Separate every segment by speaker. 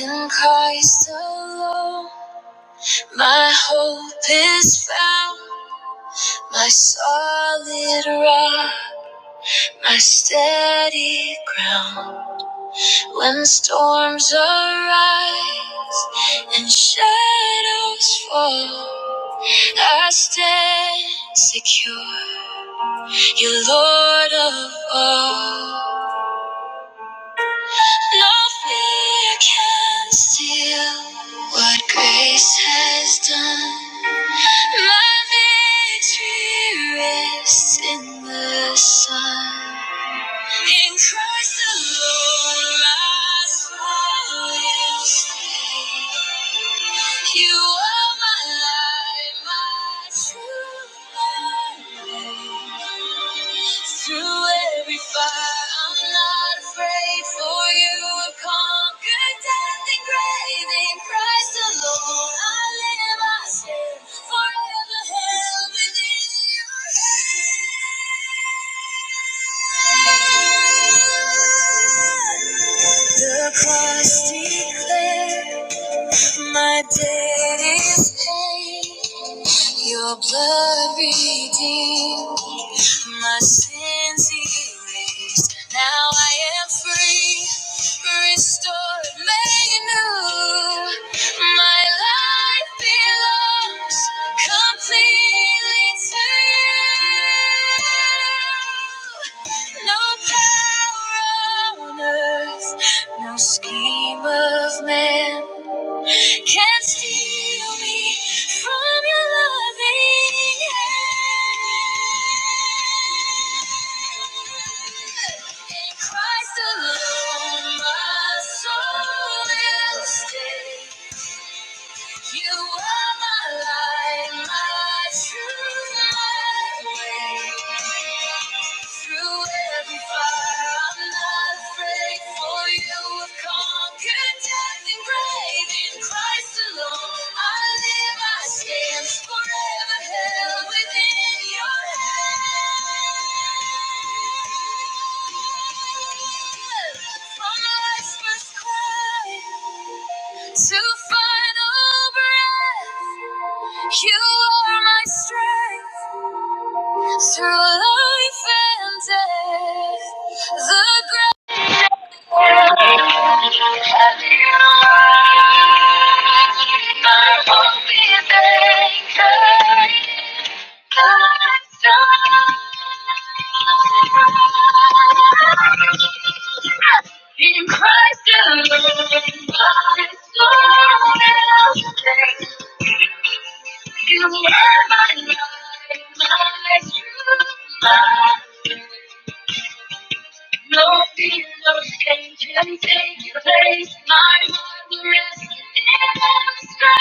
Speaker 1: In Christ alone, my hope is found, my solid rock, my steady ground. When storms arise and shadows fall, I stand secure. You're Lord of all. No fear can steal what grace has done. My victory rests in the sun. In Christ alone, my soul is saved. You are my light, my truth, my way. Through every fire, I'm not afraid, for you have conquered death and grave. In Christ alone, I live, I stand, forever held within your hand. The cross declares. My debt is paid, your blood redeemed, my sins erased. Now I am free, restored, made new. My life belongs completely to you. No power on earth, no scheme of man can't steal me from your loving hand. In Christ alone, my soul will stay. You are my light, my truth, my way. Through every fire, I'm not afraid. For you have conquered death and grave. In Christ alone, I live, I stand forever held within Your hand. From life's first cry to final breath, you are my strength through life and death. The ground that you are, my hope is anchored. In Christ alone, my soul is safe. You are my life, my truth, my no fear, no shame can take your place. My heart rests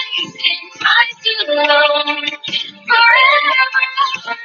Speaker 1: in strength in Christ alone, forever.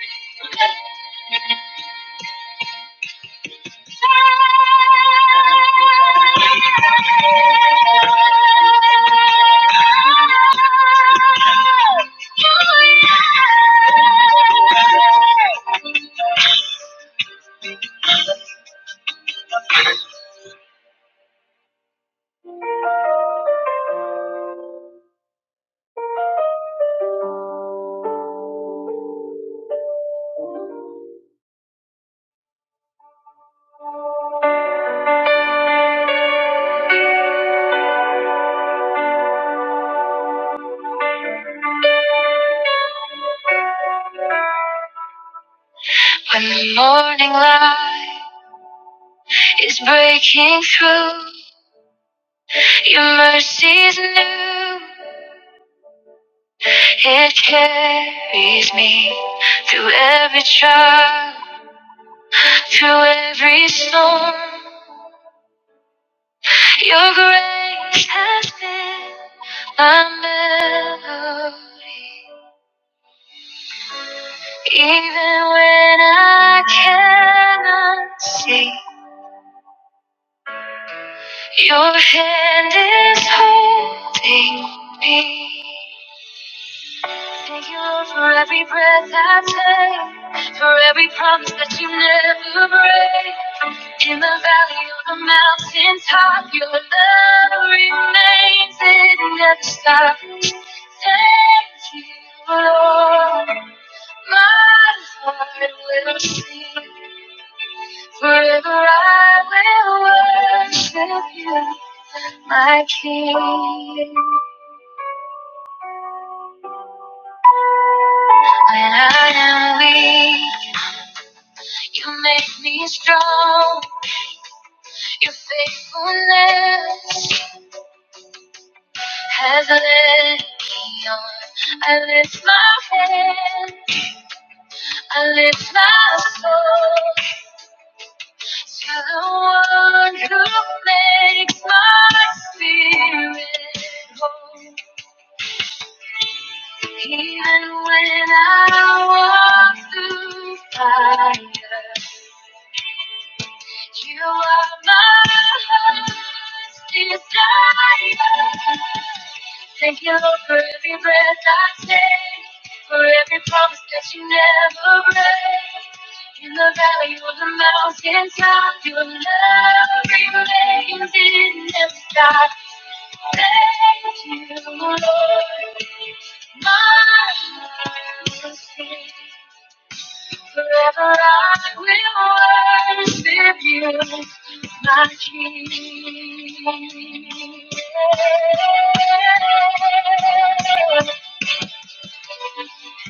Speaker 1: When the morning light is breaking through, your mercy's new. It carries me through every trial, through every storm. Your grace has been my melody. Even when I cannot see, your hand is holding me. Thank you, Lord, for every breath I take, for every promise that you never break. In the valley or the mountain top, your love remains, it never stops. Thank you, Lord, my heart will sing. Forever I will worship you, my King. When I am weak You make me strong. Your faithfulness has led me on. I lift my hand, I lift my soul to the one who makes my spirit whole. Even when I walk through fire, You are my heart's desire. Thank you, Lord, for every breath I take, for every promise that you never break. In the valley or the mountain top, your love remains in never stops. Thank you, Lord, my heart will sing. Forever I will worship you, my King.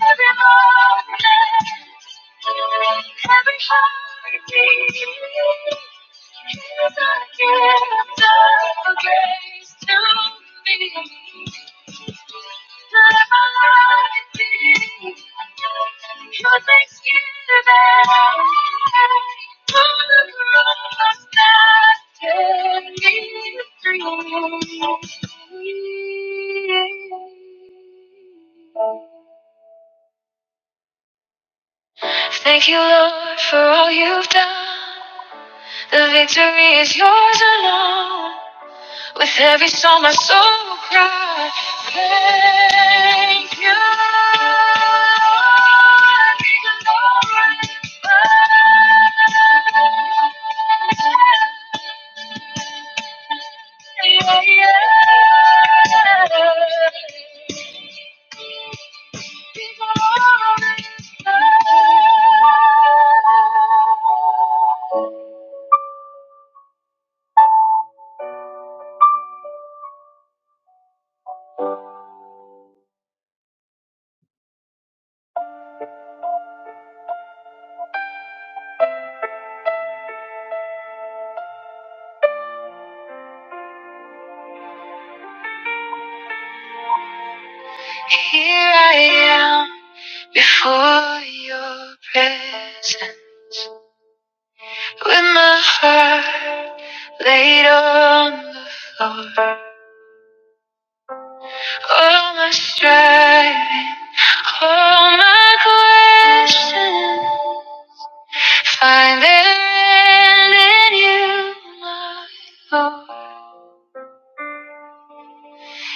Speaker 1: Every moment, every heartbeat is a gift of grace to me. Thank you. Thank you, Lord, for all you've done. The victory is yours alone. With every song, my soul will cry. Thank you. Lord. Be glorified. Yeah, yeah. Here I am for your presence with my heart laid on the floor. All my striving, all my questions find their end in you, my Lord.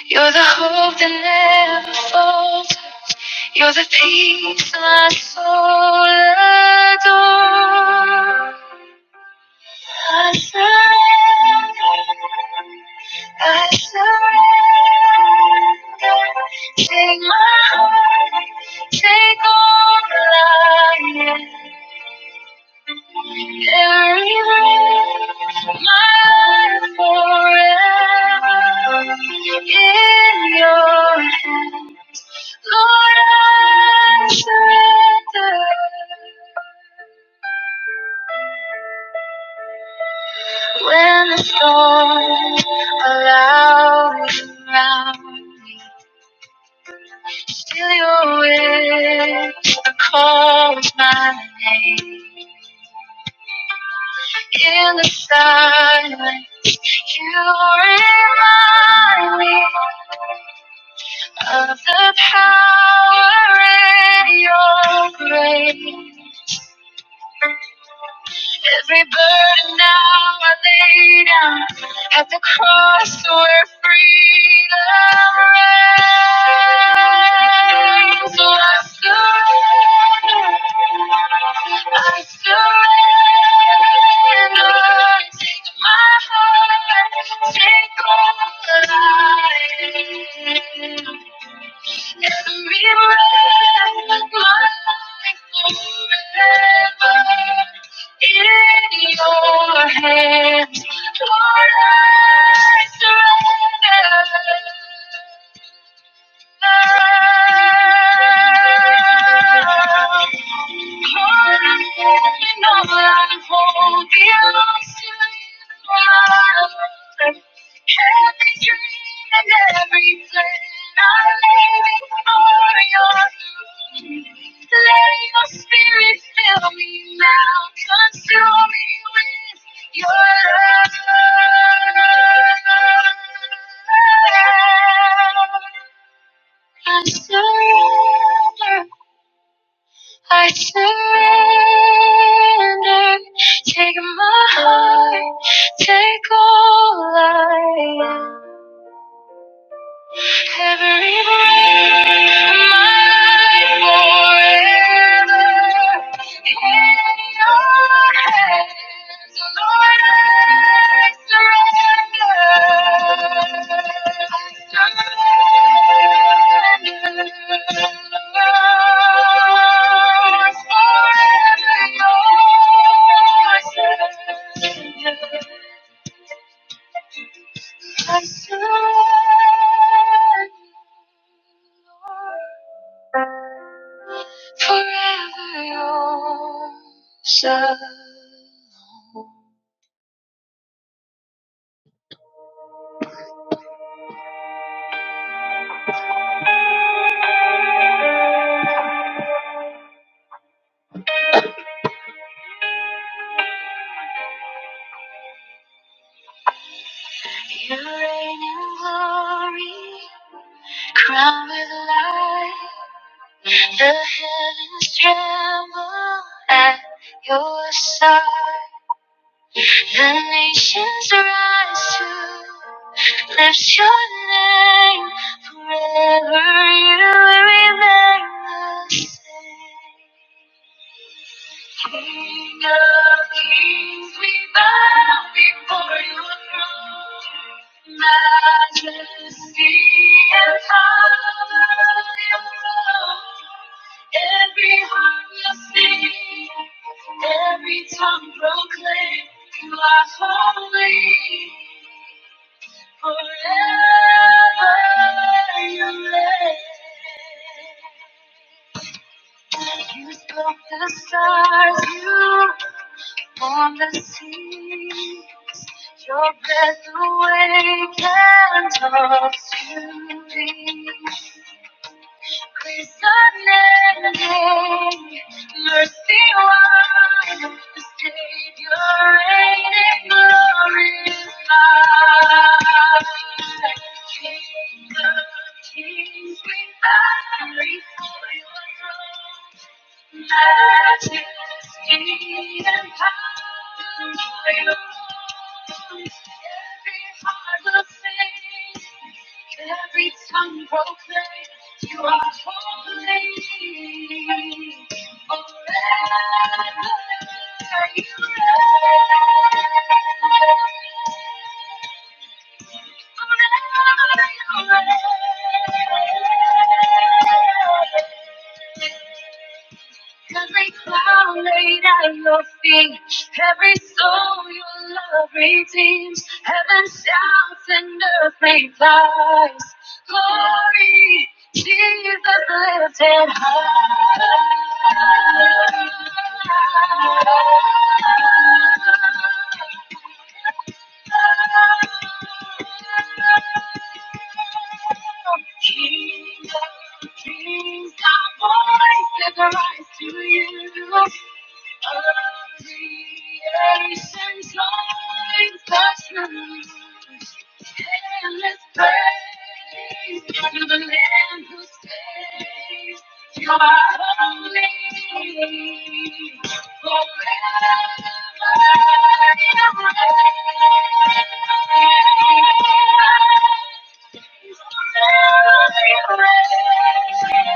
Speaker 1: You're the hope that never falters. You're the peace my soul adores. I surrender. I surrender. Take my heart. Take all that I am. Every breath, my life forever in your hands. Lord, I surrender. When the storms are loud around me, still your whisper calls my name. In the silence, you remind me of the power in your grace. Every burden now I lay down at the cross where freedom reigns. So I surrender, I surrender. Take my heart, take all that I am. It's a real life forever in Your Hands, Lord, I surrender. I surrender, I surrender. Take my heart, take all I am. Every breath, my forever. In your hands, Lord, I surrender. I surrender. Forever yours. I surrender. forever yours alone. You reign in glory, crowned with light. The heavens tremble at your sight. The nations rise to lift your name. Forever you will remain the same. King of kings, we bow before your throne. Majesty and power your own. Every heart will sing, every tongue proclaim. You are holy forever you live. You spoke the stars, you formed the sea. Your breath awakens us to be. Grace unending, mercy wide, the Savior reigning glorified. King of kings, we bow before your throne. Every tongue proclaim you are holy. Forever you reign. Forever you reign. Every cloud laid at your feet, every soul your love redeems, heaven shouts and earth replies. Glory, Jesus lifted high. King of kings, our voices rise to you. All creation's joins the truth. us and let's praise to the Lamb who saves. You are holy forever. and ever. Every heart will sing,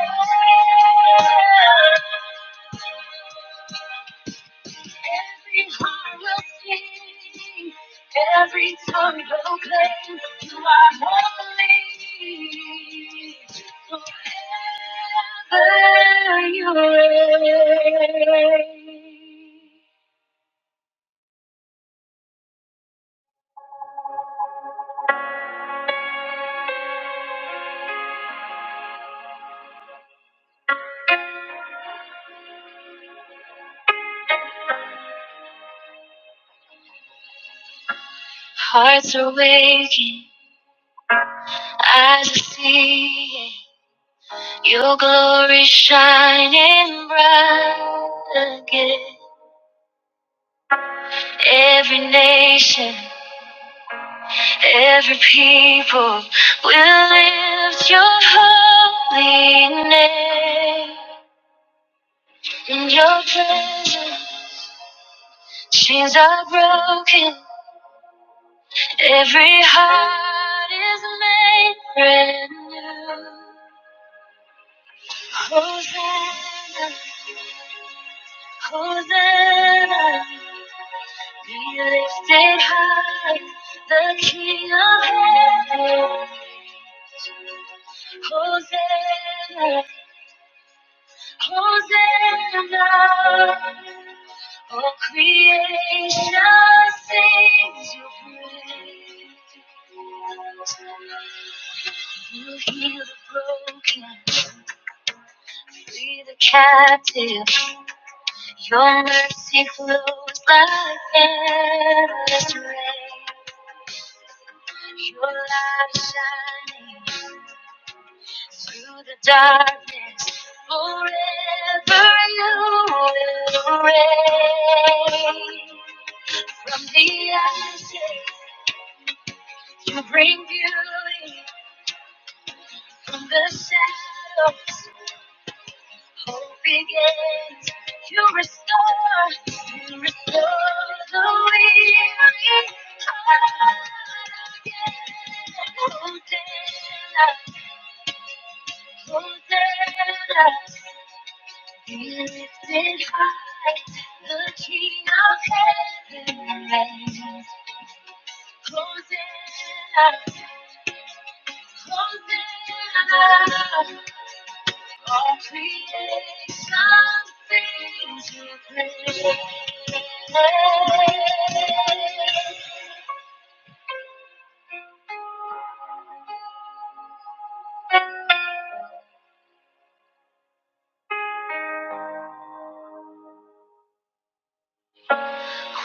Speaker 1: every tongue will claim you are holy. Forever you reign. Hearts are waking, eyes are seeing. Your glory shining bright again. Every nation, every people will lift your holy name. In your presence, chains are broken. Every heart is made brand new. Hosanna, Hosanna. Be lifted high, the King of heaven. Hosanna, Hosanna. All creation sings your praise. You heal the broken, free the captive. Your mercy flows like endless rain. Your light shining. through the darkness, forever you will reign. From the ashes, you bring beauty. From the shadows, hope begins. You restore, you restore the weary heart again. Hosanna, Hosanna. He Lifted high, the King of heaven reigns. Hosanna, Hosanna, all creation sings your praise.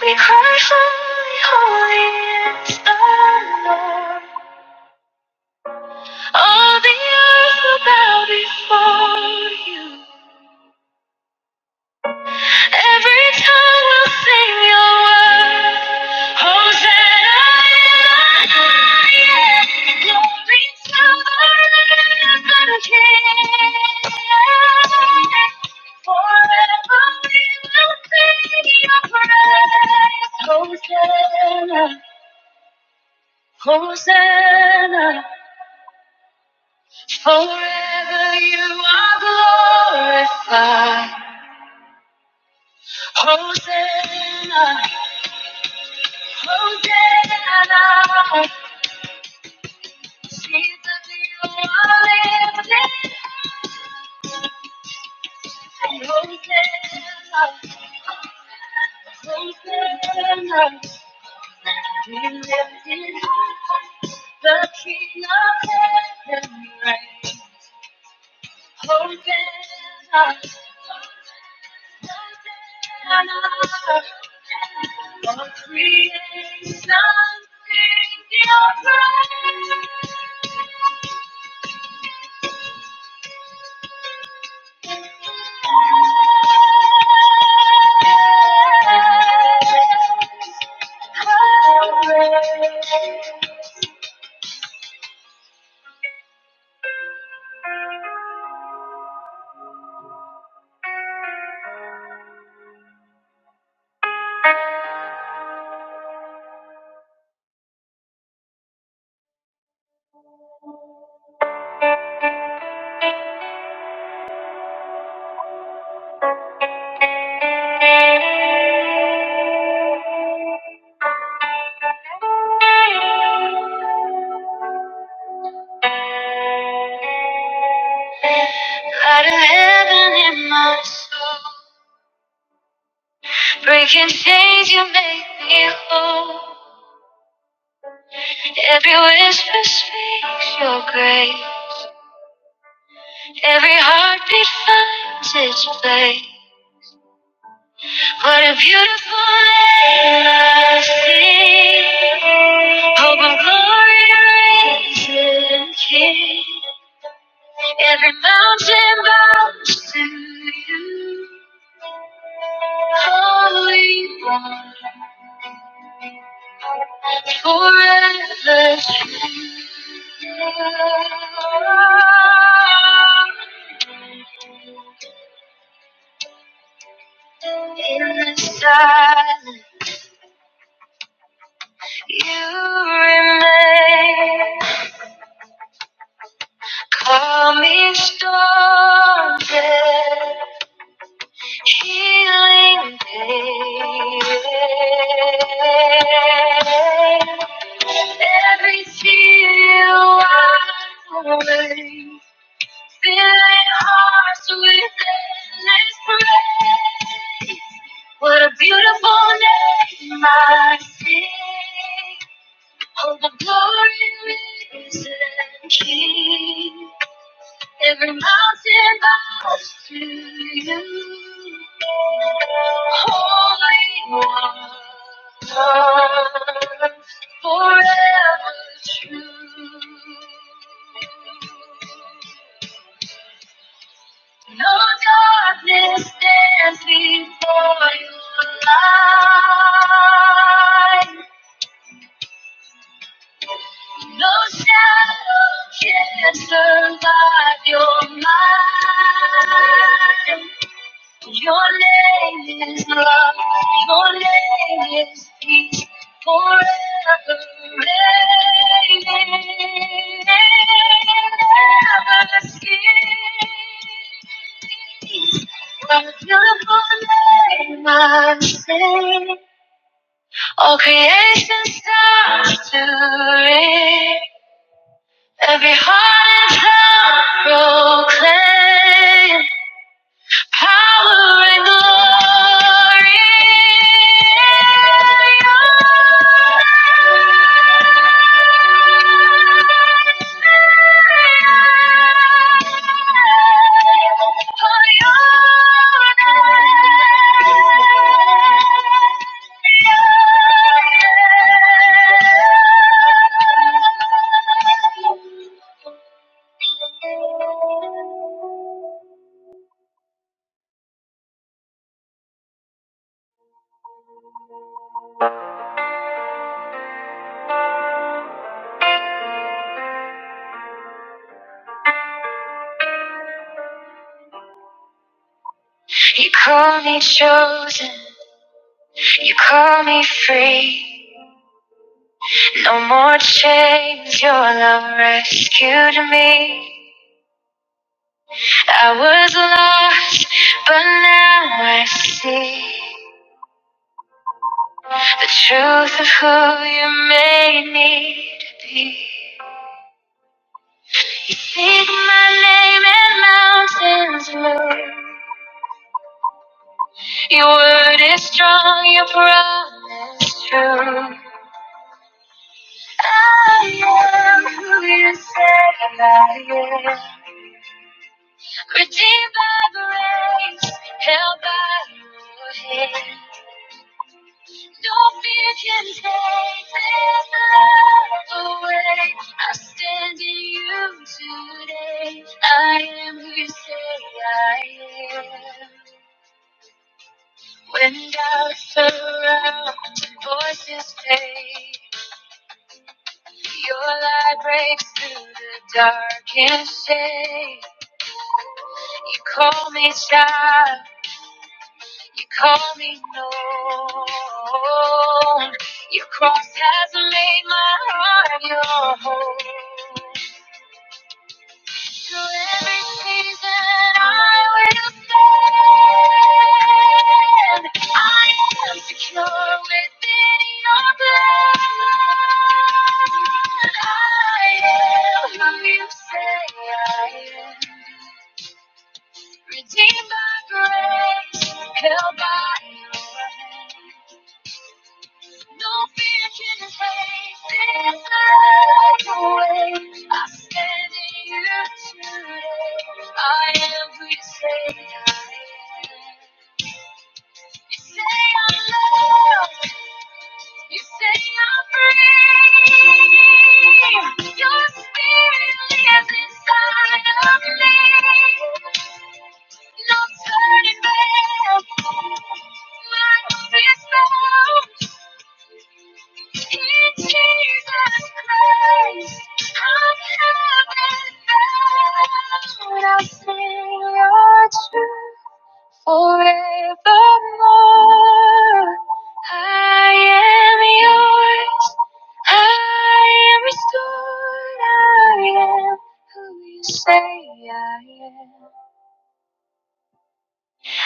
Speaker 1: We cry, holy, holy is the Lord. All the earth will bow before You. Every tongue will sing your word. Hosanna in the highest. Glory to the King. Forever we will sing your praise. Hosanna, Hosanna. Forever you are glorified. Hosanna, Hosanna. The king of heaven reigns. Hosanna, Hosanna. All creation sings your praise. Light of heaven in my soul, breaking chains, you make me whole. Every whisper speaks your grace. Every heartbeat finds its place. What a beautiful land I see. Hope and glory risen here. Every mountain bows to you. Holy One, forever true. In the silence. You remain, calm in storms and healing pain. Every tear wiped away, filling hearts with endless praise. What a beautiful name I sing. All the glory is in King. Every mountain bows to you. Holy One, forever true. No darkness stands before your light. No shadow can survive your mind. Your name is love. Your name is peace. Forever reigning. Never cease. What a beautiful name I sing. All creation starts to ring. Every heart in town proclaim power and glory. in Your Your name, For your name, You call me chosen, you call me free. No more chains, your love rescued me. I was lost, but now I see the truth of who you made me to be. You speak my name and mountains move. Your word is strong, your promise true. I am who you say I am. Redeemed by grace, held by your hand. No fear can take this love away. I stand in you today. I am who you say I am. When doubts surround, and voices fade. Your light breaks through the darkest shade. You call me child, you call me known. Your cross has made my heart your home. Through every season I will stand. I am secure within your blood. I am who you say I am. Redeemed by grace, held by your hand. No fear can erase this light away. I stand in you today. I am who you say I am. You say I'm loved. You say I'm free. Your spirit lives inside of me. No turning back. My hope is found in Jesus Christ. I'm heaven bound. I'll sing your truth. Forevermore, I am yours. I am restored. I am who you say I am.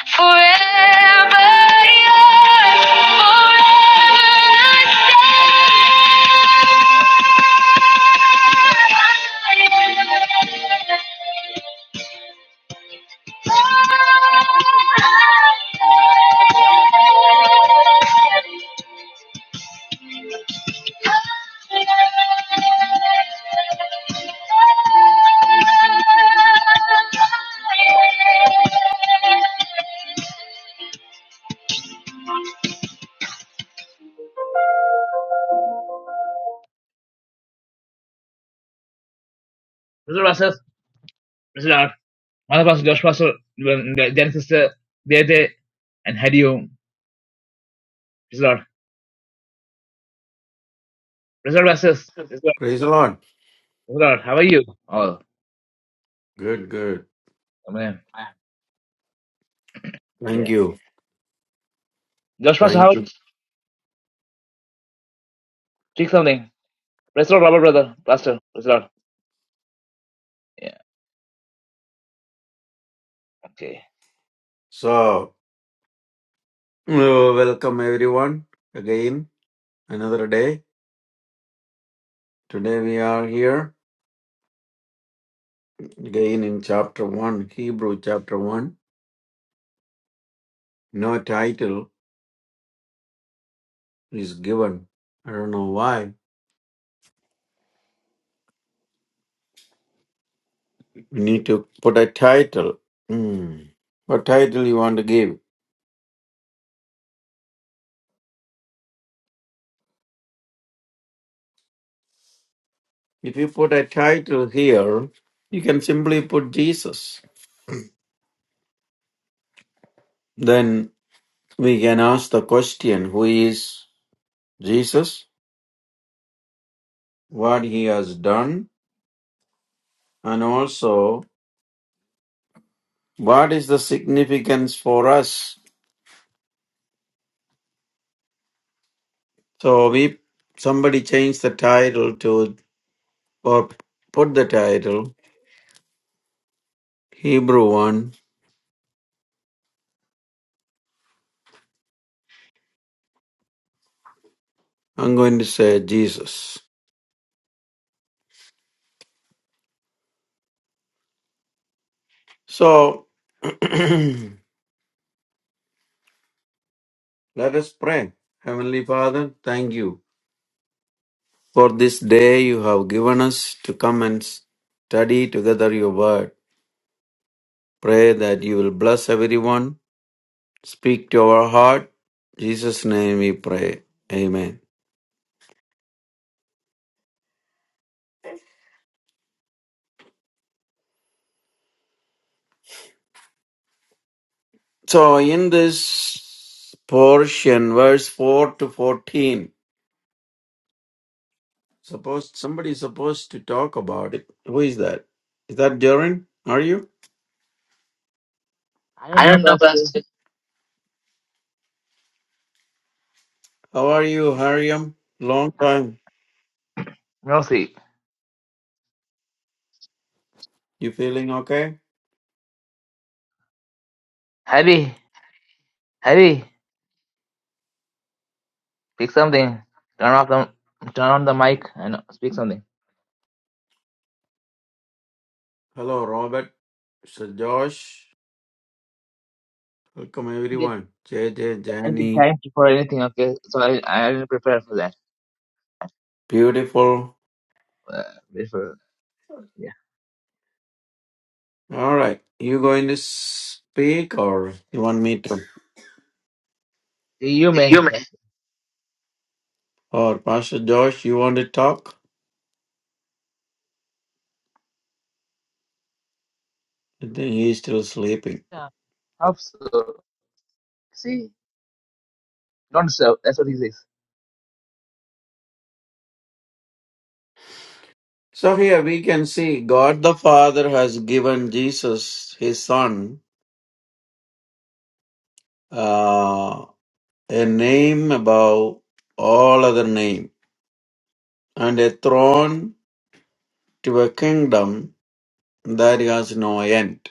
Speaker 1: Forever yours, forever I stand. Mr. Russell, Mr. Lord, Mother Pastor, Josh Pastor, um, Jan Sister, Deate, and Hadium, Mr. Lord. Mr. Russell, Mr. Lord,
Speaker 2: Praise the Lord.
Speaker 1: how are you? Oh,
Speaker 2: Good, good.
Speaker 1: I mean,
Speaker 2: Thank
Speaker 1: yeah.
Speaker 2: you.
Speaker 1: Josh Pastor,
Speaker 2: Thank
Speaker 1: how
Speaker 2: you.
Speaker 1: Take something. Praise the Lord, Robert, brother, Pastor, Praise Lord. Yeah, okay.
Speaker 2: So, uh, welcome everyone again. Another day. Today we are here again in chapter 1, Hebrew chapter 1. No title is given. I don't know why. We need to put a title. Hmm. What title you want to give? If you put a title here, you can simply put Jesus. Then we can ask the question, who is Jesus? what he has done and also what is the significance for us so we somebody changed the title to or put the title hebrew one i'm going to say jesus so let us pray heavenly father thank you for this day you have given us to come and study together your word pray that you will bless everyone Speak to our heart. In Jesus' name we pray. Amen. So in this portion, verse 4 to 14, suppose somebody is supposed to talk about it. Who is that? Is that Jorin? Are you?
Speaker 1: I don't know, Pastor.
Speaker 2: How are you, Hariam? Long time.
Speaker 1: No, see.
Speaker 2: You feeling okay?
Speaker 1: Harry, Harry. Pick something. Turn off the turn on the mic and speak something.
Speaker 2: Hello, Robert. Sir Josh. Welcome
Speaker 1: I Didn't get
Speaker 2: everyone. J J,
Speaker 1: any
Speaker 2: Jani.
Speaker 1: time for anything. Okay, so I I didn't prepare for that.
Speaker 2: Beautiful.
Speaker 1: Uh, before, yeah,
Speaker 2: All right. You going to speak or you want me
Speaker 1: you may.
Speaker 2: to? Or Pastor Josh, you want to talk? I think he's still sleeping.
Speaker 1: Yeah, hope so. See, don't serve. That's what he says.
Speaker 2: So here we can see God the Father has given Jesus, his son, uh, a name above all other name and a throne to a kingdom that has no end.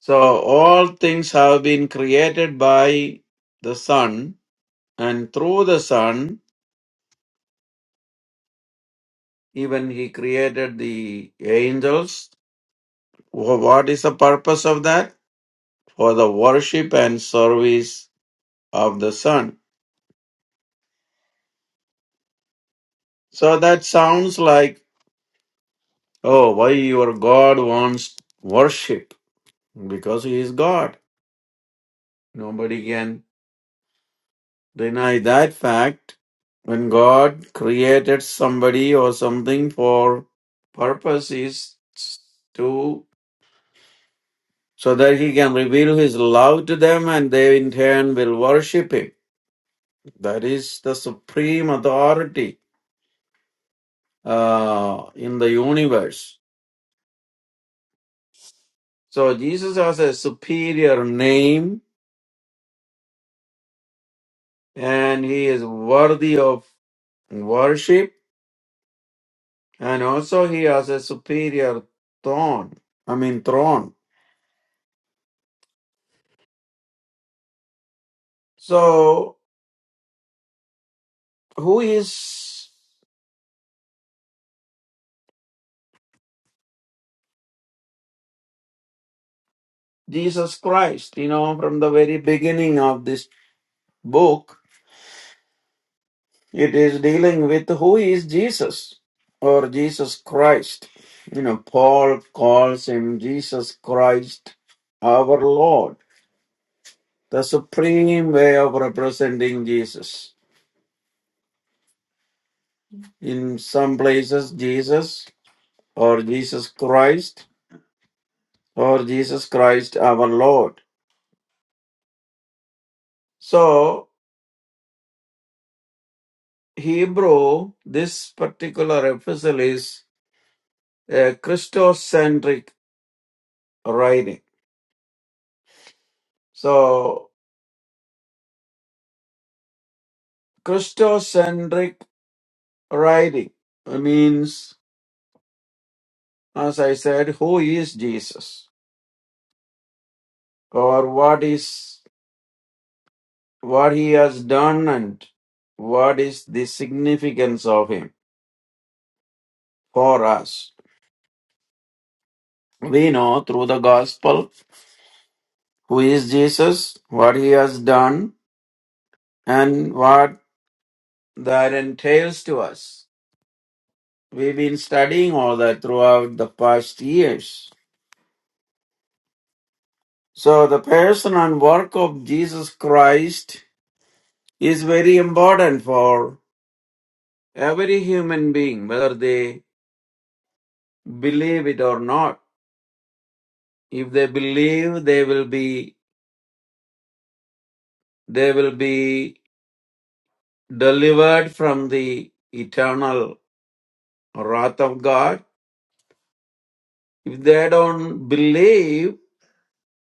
Speaker 2: So all things have been created by the son and through the son, even he created the angels. Wh- What is the purpose of that? for the worship and service of the Son. So that sounds like, oh, why your God wants worship? Because He is God. Nobody can deny that fact. When God created somebody or something for purposes to, so that He can reveal His love to them and they in turn will worship Him. That is the supreme authority uh, in the universe. So Jesus has a superior name and he is worthy of worship and also he has a superior throne. I mean throne. So who is Jesus Christ? You know, from the very beginning of this book, it is dealing with who is Jesus or Jesus Christ. You know, Paul calls him Jesus Christ, our Lord. the supreme way of representing Jesus. In some places, Jesus or Jesus Christ or Jesus Christ our Lord. So, Hebrew, this particular epistle is a Christocentric writing. So, Christocentric writing means, as I said, who is Jesus or what is what he has done and what is the significance of him for us. We know through the gospel who is Jesus, what he has done, and what that entails to us. We've been studying all that throughout the past years. So, the person and work of Jesus Christ is very important for every human being, whether they believe it or not. If they believe, they will be They will be delivered from the eternal wrath of God. If they don't believe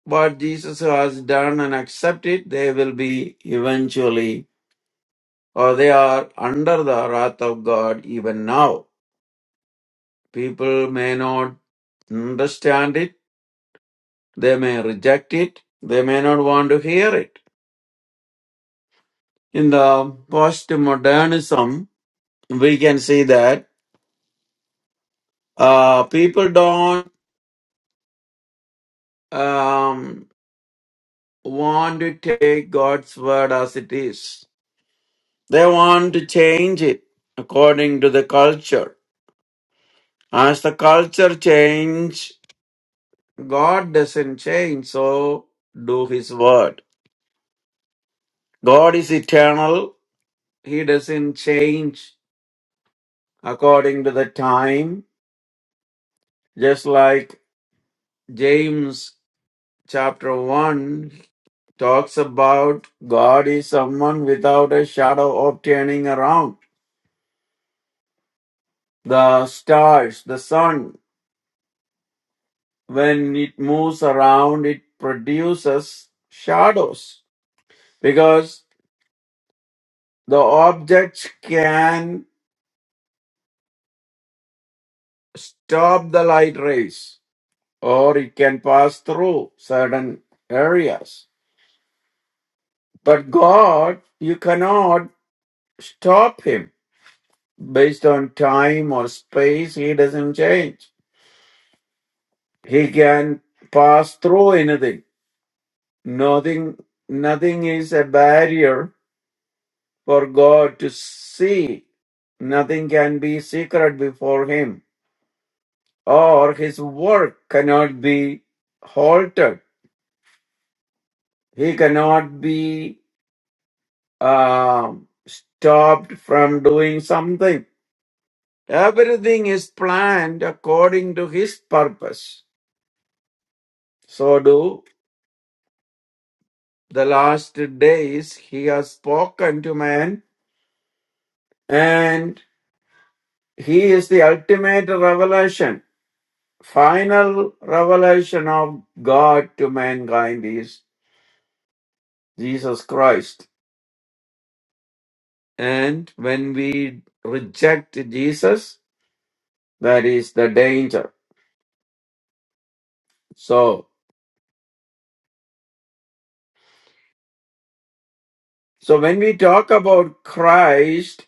Speaker 2: what Jesus has done and accept it, they will be eventually, or they are under the wrath of God even now. People may not understand it, they may reject it, they may not want to hear it. In the postmodernism, we can see that uh, people don't. um, want to take God's word as it is. They want to change it according to the culture. As the culture change, God doesn't change, so do his word. God is eternal. He doesn't change according to the time. Just like James chapter 1 talks about God is someone without a shadow of turning around the stars, the sun. when it moves around, it produces shadows because the object can stop the light rays or it can pass through certain areas. But God, you cannot stop Him based on time or space. He doesn't change. He can pass through anything. Nothing, nothing is a barrier for God to see. Nothing can be secret before Him, or His work cannot be halted. He cannot be um, stopped from doing something. Everything is planned according to His purpose. So do the last days He has spoken to man, and He is the ultimate revelation final revelation of God to mankind is Jesus Christ. And when we reject Jesus, that is the danger. So, so when we talk about Christ,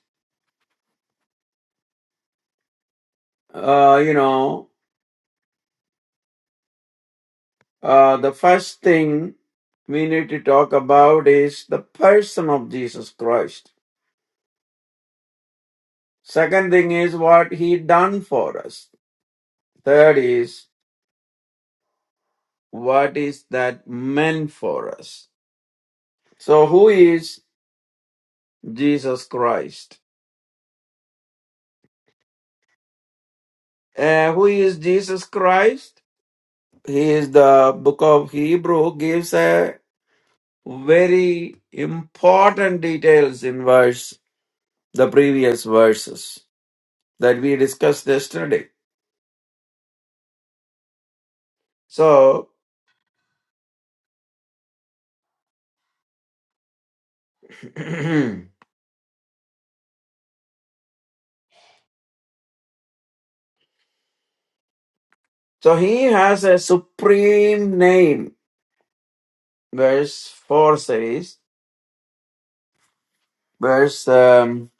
Speaker 2: uh, you know, uh, the first thing we need to talk about is the person of Jesus Christ. Second thing is what he done for us. Third is what is that meant for us So, who is Jesus Christ? And who is Jesus Christ? He is the book of Hebrew gives a very important details in verse the previous verses that we discussed yesterday. So, so he has a supreme name. Verse four says, verse um,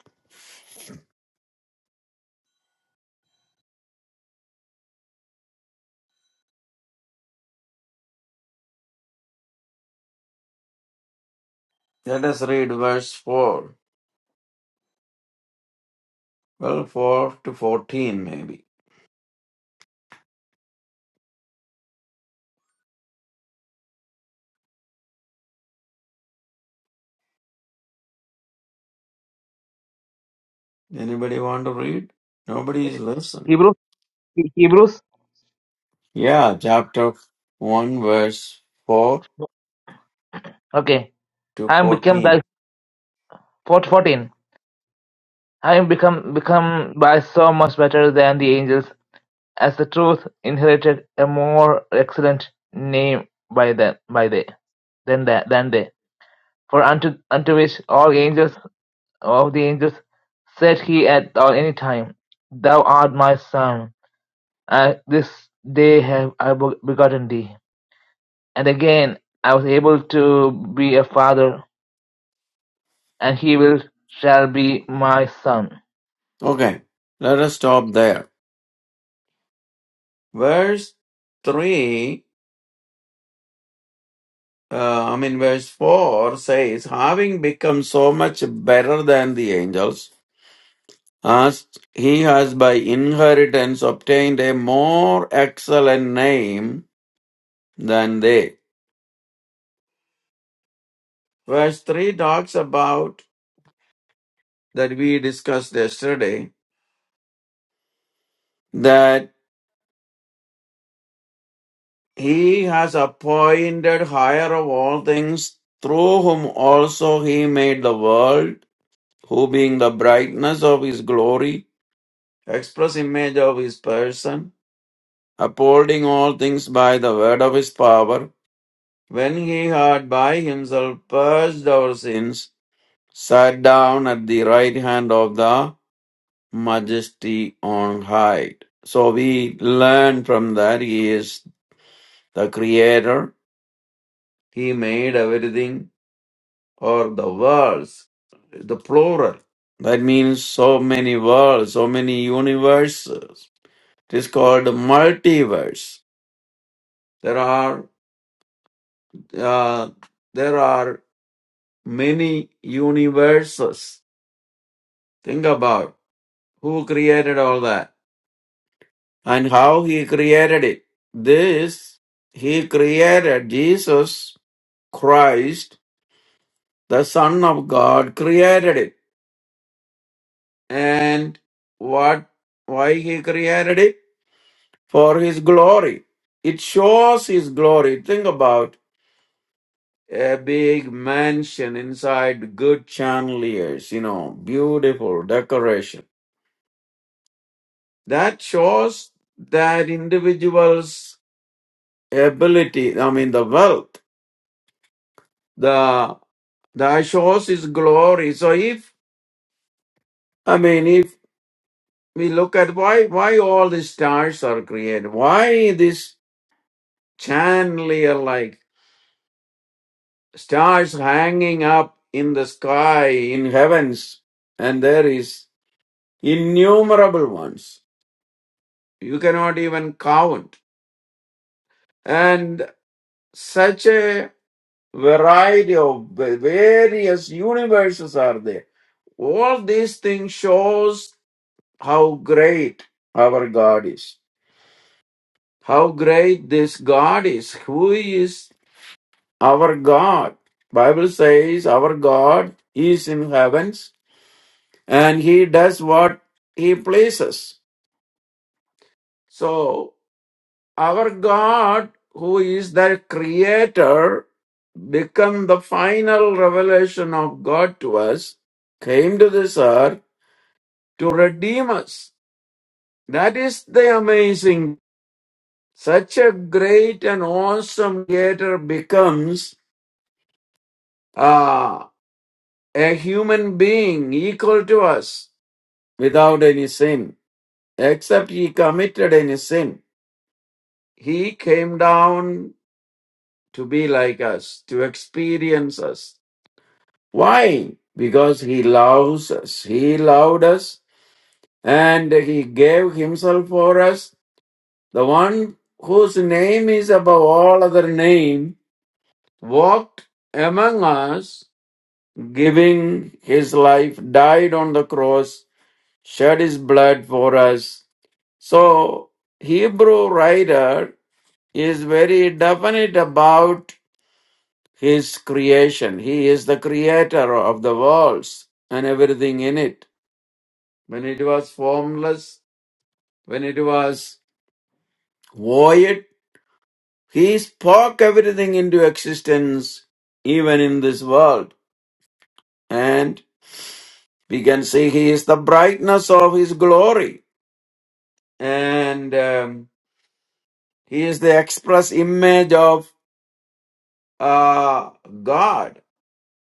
Speaker 2: let us read verse four, well four to fourteen maybe. Anybody want to read? Nobody
Speaker 1: Right?
Speaker 2: is listening.
Speaker 1: Hebrews, He- Hebrews.
Speaker 2: Yeah, chapter 1, verse 4
Speaker 1: Okay,
Speaker 2: to
Speaker 1: having become
Speaker 2: 14.
Speaker 1: thy fort- fourteen. Having become become by so much better than the angels, as the truth inherited a more excellent name by them by they than that than they. For unto unto which all angels of the angels said he at or any time, Thou art my son, I, this day have I beg- begotten thee. And again I was able to be a father, and he will shall be my son.
Speaker 2: Okay, let us stop there. Verse 3, uh, I mean, verse 4 says, Having become so much better than the angels, as he has by inheritance obtained a more excellent name than they. Verse 3 talks about that we discussed yesterday, That. He has appointed higher of all things, through whom also he made the world, who being the brightness of his glory, express image of his person, upholding all things by the word of his power, when he had by himself purged our sins, sat down at the right hand of the majesty on high. So we learn from that he is the creator, he made everything or the worlds, the plural. That means so many worlds, so many universes. It is called multiverse. There are uh, there are many universes. Think about who created all that and how he created it. This he created Jesus Christ, the Son of God, created it. And what why he created it? for his glory. It shows his glory. Think about a big mansion inside good chandeliers, you know, beautiful decoration. That shows that individual's ability, I mean, the wealth, the, that shows his glory. So if, I mean, if we look at why, why all these stars are created, why this chandelier like stars hanging up in the sky, in heavens, and there is innumerable ones. You cannot even count. And such a variety of various universes are there. All these things shows how great our God is. How great this God is. Who is our God? Bible says our God is in heavens and he does what he pleases. So our God, who is the creator, become the final revelation of God to us, came to this earth to redeem us. That is the amazing. Such a great and awesome creator becomes uh, a human being equal to us without any sin, except he committed any sin. He came down to be like us, to experience us. Why? Because He loves us. He loved us and He gave Himself for us. The one whose name is above all other name walked among us, giving His life, died on the cross, shed His blood for us. So, Hebrew writer is very definite about His creation. He is the creator of the worlds and everything in it. When it was formless, when it was void, He spoke everything into existence, even in this world. And we can see He is the brightness of His glory. And um, He is the express image of uh, God.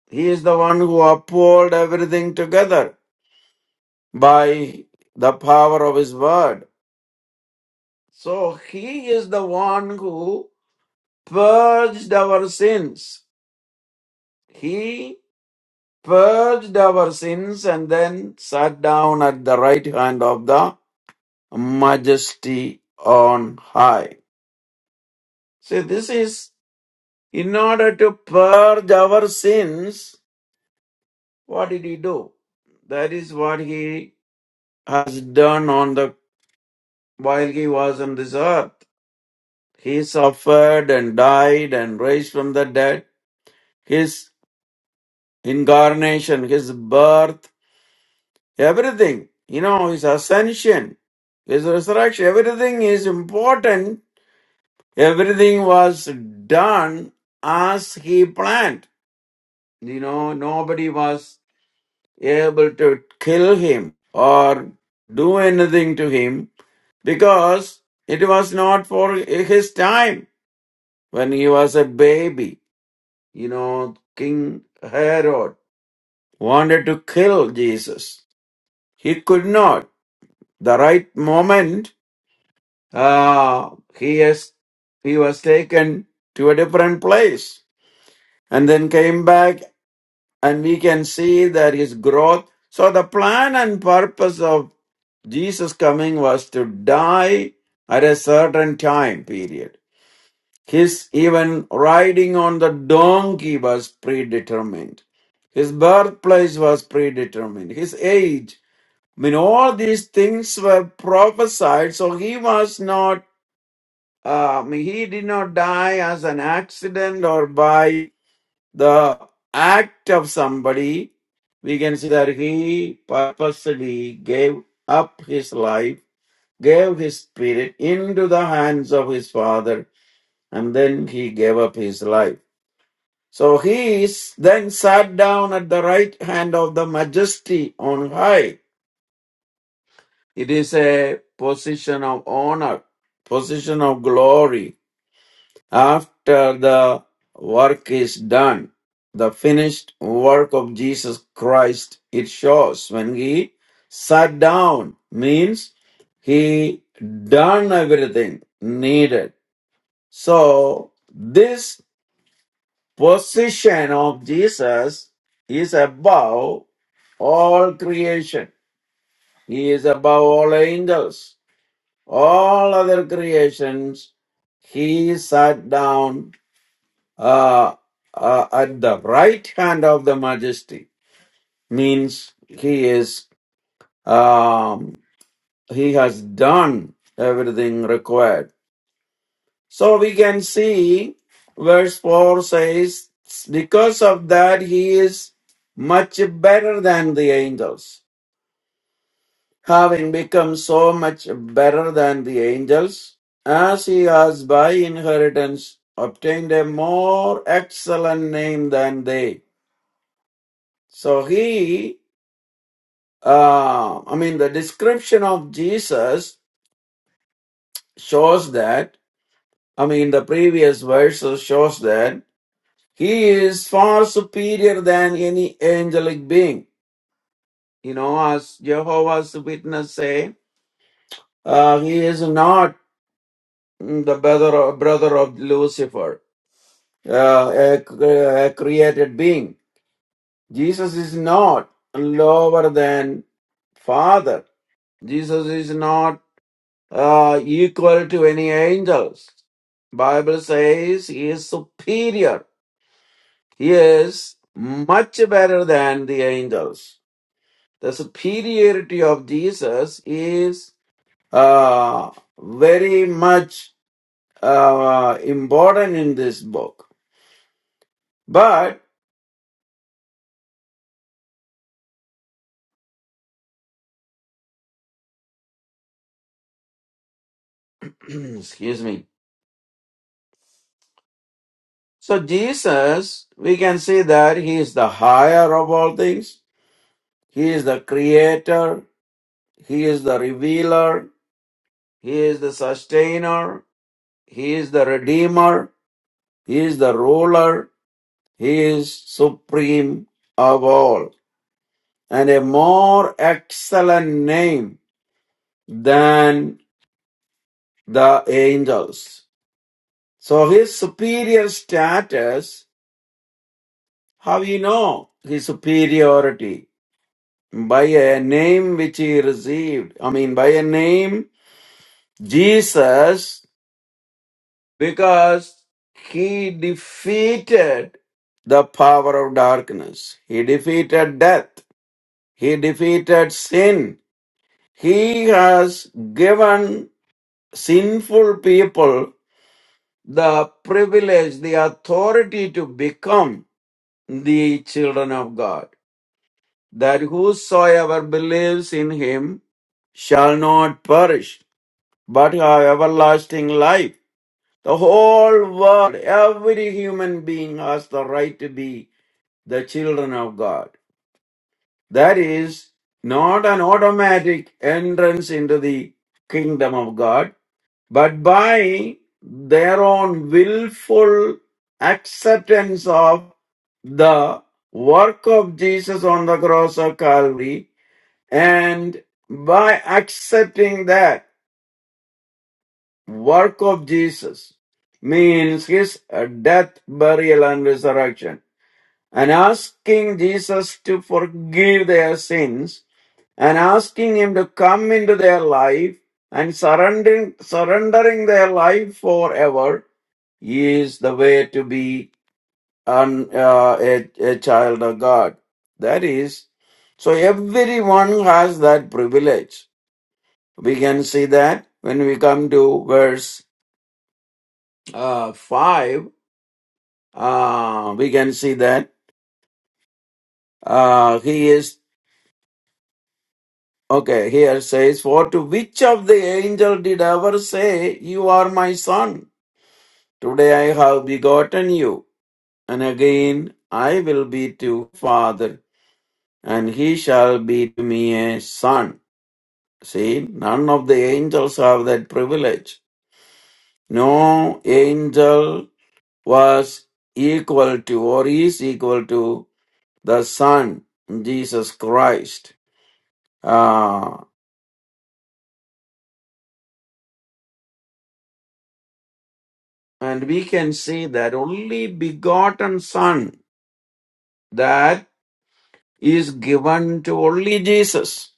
Speaker 2: He is the one who upholds everything together by the power of His word. So he is the one who purged our sins. He purged our sins and then sat down at the right hand of the majesty on high. See, this is in order to purge our sins, what did he do? That is what he has done on the while he was on this earth. He suffered and died and raised from the dead. His incarnation, his birth, everything, you know, his ascension, his resurrection, everything is important. Everything was done as he planned. You know, nobody was able to kill him or do anything to him because it was not for his time when he was a baby. You know, King Herod wanted to kill Jesus. He could not the right moment, uh, he is he was taken to a different place and then came back, and we can see that his growth. So the plan and purpose of Jesus coming was to die at a certain time period. His even riding on the donkey was predetermined. His birthplace was predetermined. His age I mean, all these things were prophesied, so he was not um, he did not die as an accident or by the act of somebody. We can see that he purposely gave up his life, gave his spirit into the hands of his father, and then he gave up his life. So he is then sat down at the right hand of the majesty on high. It is a position of honor, position of glory After the work is done, the finished work of Jesus Christ, it shows when he sat down, means he done everything needed. So, this position of Jesus is above all creation. He is above all angels, all other creations. He sat down uh, uh, at the right hand of the majesty means he is um, he has done everything required so we can see verse 4 says because of that he is much better than the angels having become so much better than the angels as he has by inheritance obtained a more excellent name than they so he uh, I mean, the description of Jesus shows that, I mean, the previous verses shows that he is far superior than any angelic being. You know, as Jehovah's Witness say, uh, he is not mm, the brother, brother of Lucifer, uh, a, a created being. Jesus is not lower than Father. Jesus is not uh, equal to any angels. Bible says he is superior. He is much better than the angels. The superiority of Jesus is uh, very much uh, important in this book. But excuse me. So Jesus, we can see that he is the higher of all things. He is the creator. He is the revealer. He is the sustainer. He is the redeemer. He is the ruler. He is supreme of all. And a more excellent name than the angels. So his superior status, how we know his superiority? By a name which he received. I mean, by a name, Jesus because he defeated the power of darkness. He defeated death. He defeated sin. He has given sinful people the privilege, the authority to become the children of God. That whosoever believes in him shall not perish, but have everlasting life. The whole world, every human being has the right to be the children of God. That is not an automatic entrance into the kingdom of God, but by their own willful acceptance of the work of Jesus on the cross of Calvary and by accepting that work of Jesus means his uh, death, burial, and resurrection. And asking Jesus to forgive their sins and asking him to come into their life and surrendering, surrendering their life forever is the way to be an, uh, a, a child of God. That is, so everyone has that privilege. We can see that when we come to verse uh, 5 Uh, we can see that. Uh, he is, okay, here says, For to which of the angel did ever say, 'You are my son? Today I have begotten you. And again, I will be to father, and he shall be to me a son. See, none of the angels have that privilege. No angel was equal to or is equal to the son, Jesus Christ. Ah, And we can see that only begotten Son that is given to only Jesus.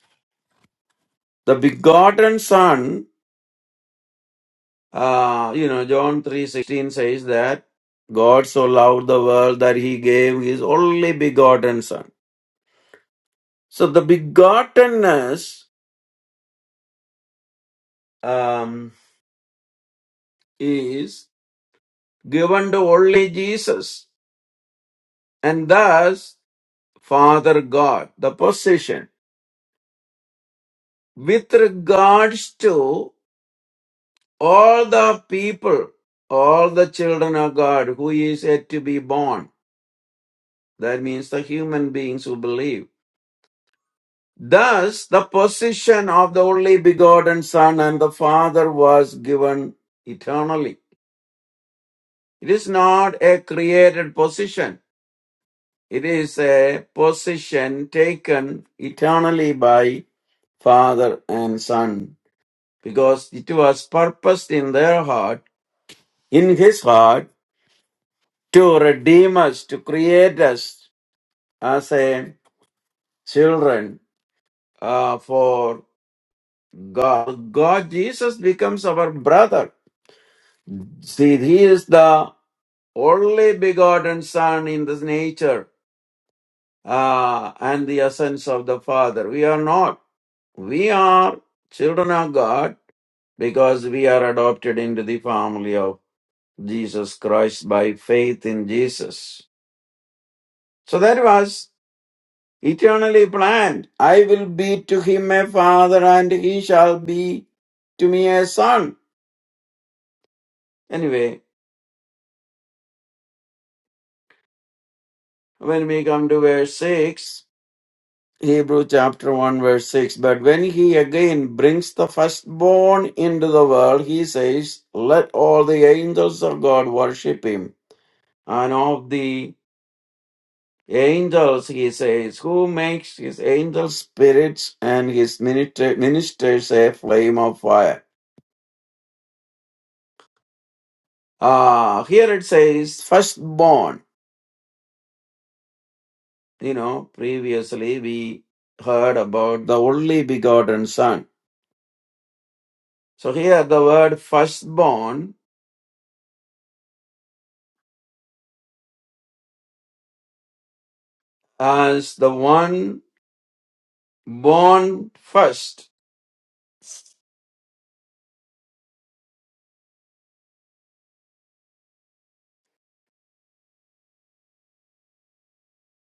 Speaker 2: The begotten Son, uh, you know, John 3.16 says that God so loved the world that he gave his only begotten Son. So the begottenness um, is given to only Jesus. And thus, Father God, the position with regards to all the people, all the children of God who is yet to be born. That means the human beings who believe. Thus, the position of the only begotten Son and the Father was given eternally. It is not a created position. It is a position taken eternally by Father and Son because it was purposed in their heart, in His heart, to redeem us, to create us as a children uh, for God. God, Jesus becomes our brother. See, He is the only begotten Son in this nature uh, and the essence of the Father. We are not. We are children of God because we are adopted into the family of Jesus Christ by faith in Jesus. So that was eternally planned. I will be to him a father and he shall be to me a son. Anyway, when we come to verse 6, Hebrew chapter 1, verse 6, but when he again brings the firstborn into the world, he says, Let all the angels of God worship him. And of the angels, he says, Who makes his angels spirits and his minister- ministers a flame of fire? Uh, here it says firstborn. You know, previously we heard about the only begotten son. So here the word firstborn as the one born first.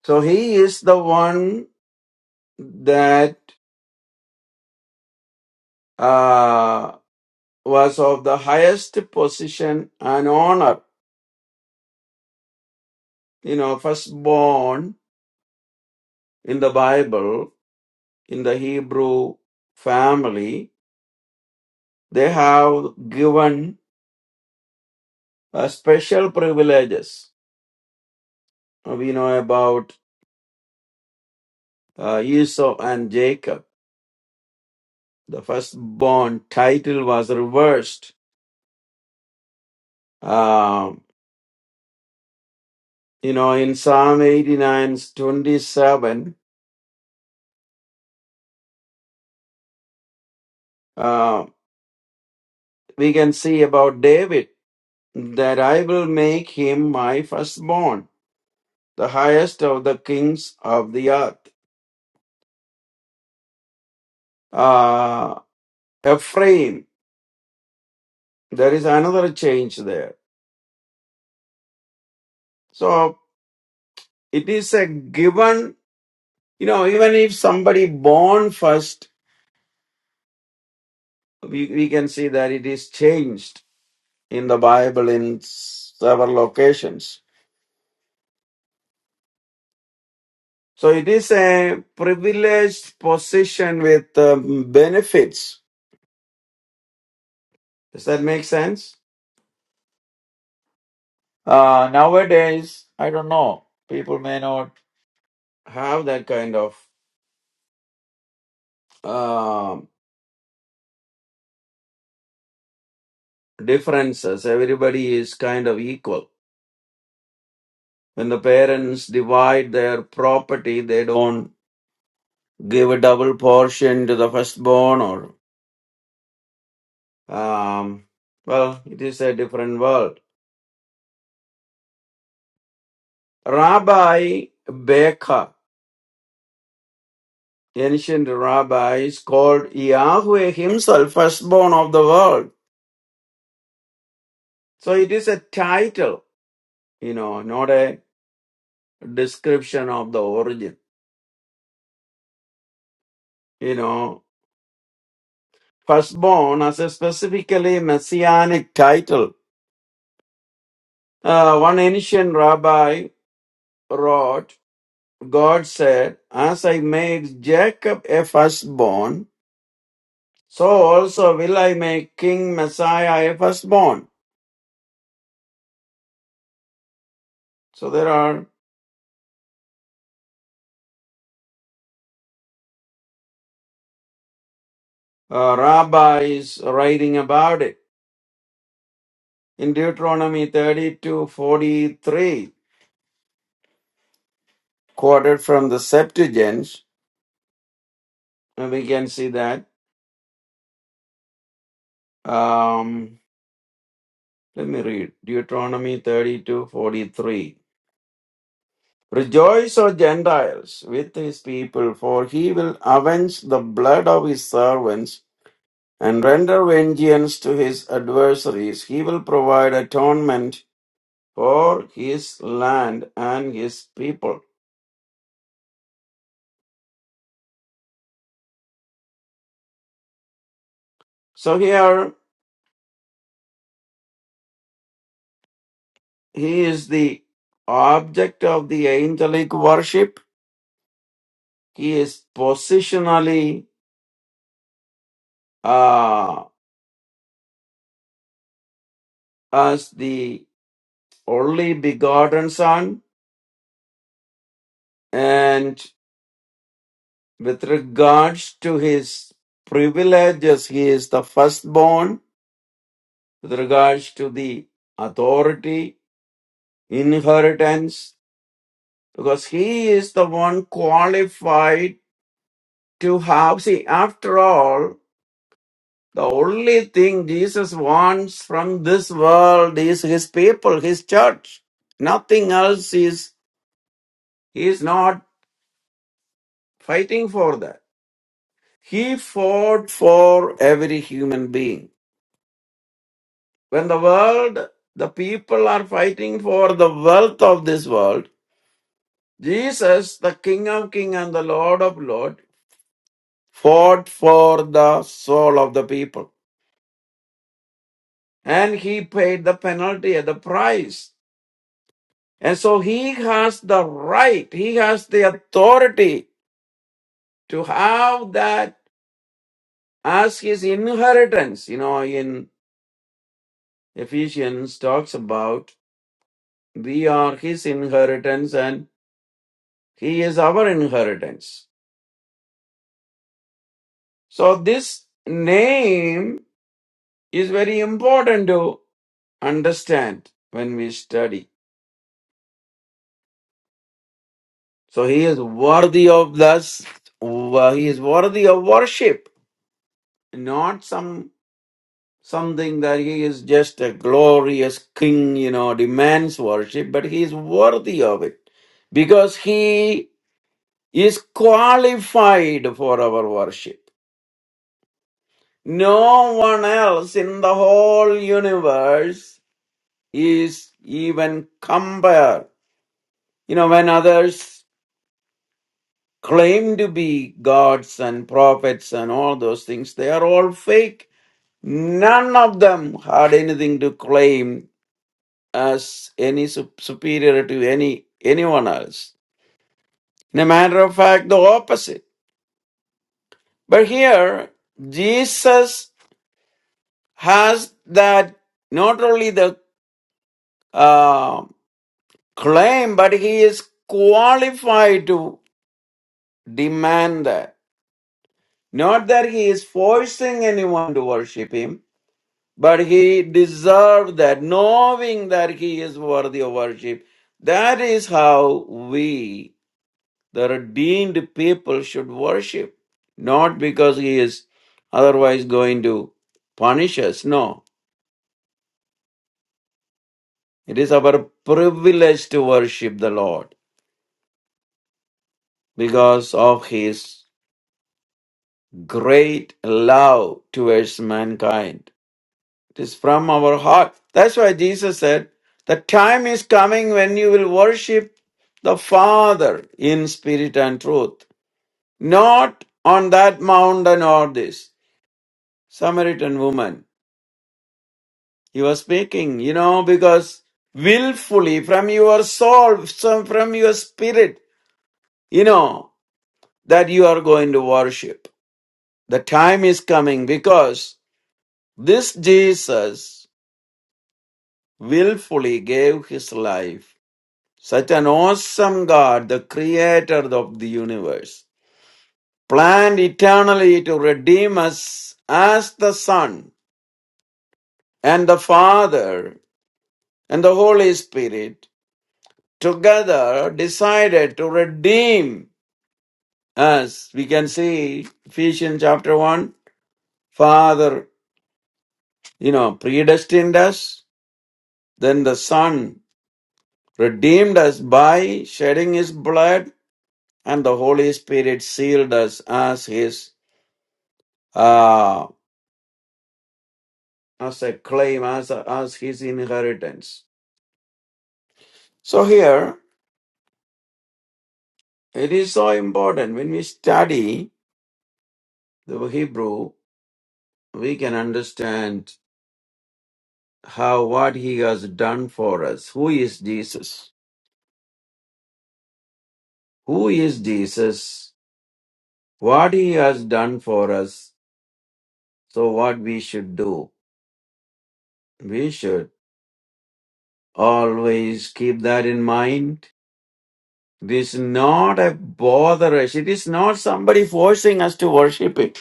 Speaker 2: So he is the one that uh, was of the highest position and honor. You know, firstborn in the Bible, in the Hebrew family, they have given uh, special privileges. Uh, We know about uh, Esau and Jacob. The firstborn title was reversed. Uh, you know, in Psalm 89 27, uh, we can see about David that I will make him my firstborn, the highest of the kings of the earth. Uh, Ephraim, there is another change there. So it is a given You know, even if somebody born first, we, we can see that it is changed in the Bible in several locations. So it is a privileged position with um, benefits. Does that make sense? Uh, nowadays, I don't know. People may not have that kind of um differences. Everybody is kind of equal. When the parents divide their property, they don't give a double portion to the firstborn or um, well it is a different world rabbi baker ancient rabbis called yahweh himself firstborn of the world so it is a title you know not a description of the origin you know firstborn as a specifically messianic title Uh, one ancient rabbi wrote God said, As I made Jacob a firstborn, so also will I make King Messiah a firstborn. So there are uh, rabbis writing about it. In Deuteronomy 32 43, quoted from the Septuagint, and we can see that. Um, let me read Deuteronomy 32 43. Rejoice, O Gentiles, with his people, for he will avenge the blood of his servants and render vengeance to his adversaries. He will provide atonement for his land and his people. So here he is the object of the angelic worship. He is positionally uh, as the only begotten son and with regards to his privileges, he is the firstborn with regards to the authority inheritance because he is the one qualified to have. See, after all, the only thing Jesus wants from this world is his people, his church. Nothing else is, he is not fighting for that. He fought for every human being. When the world, the people are fighting for the wealth of this world, Jesus, the King of Kings and the Lord of Lords, fought for the soul of the people. And he paid the penalty and the price. And so he has the right, he has the authority to have that as his inheritance. You know, in Ephesians talks about we are his inheritance and he is our inheritance. So this name is very important to understand when we study. So he is worthy of thus he is worthy of worship, not some something that he is just a glorious king, you know, demands worship, but he is worthy of it because he is qualified for our worship. No one else in the whole universe is even compared. You know, when others claim to be gods and prophets and all those things, they are all fake. None of them had anything to claim as any sup- superior to any anyone else. In a matter of fact, the opposite. But here, Jesus has that not only the uh, claim, but he is qualified to demand that. Not that he is forcing anyone to worship him, but he deserved that, knowing that he is worthy of worship. That is how we, the redeemed people, should worship, not because he is otherwise going to punish us. No, it is our privilege to worship the Lord because of his great love towards mankind. It is from our heart. That's why Jesus said, The time is coming when you will worship the Father in spirit and truth, not on that mountain or this. Samaritan woman, he was speaking, you know, because willfully from your soul, some- from your spirit, you know, that you are going to worship. The time is coming because this Jesus willfully gave his life Such an awesome God, the creator of the universe, planned eternally to redeem us as the Son and the Father and the Holy Spirit together decided to redeem us. We can see Ephesians chapter 1, Father, you know, predestined us, then the Son redeemed us by shedding his blood, and the Holy Spirit sealed us as his uh, as a claim, as, a, as his inheritance. So here, it is so important when we study the Hebrew, we can understand how what he has done for us. Who is Jesus? Who is Jesus? What he has done for us. So what we should do? We should always keep that in mind. It is not a bother us. It is not somebody forcing us to worship him.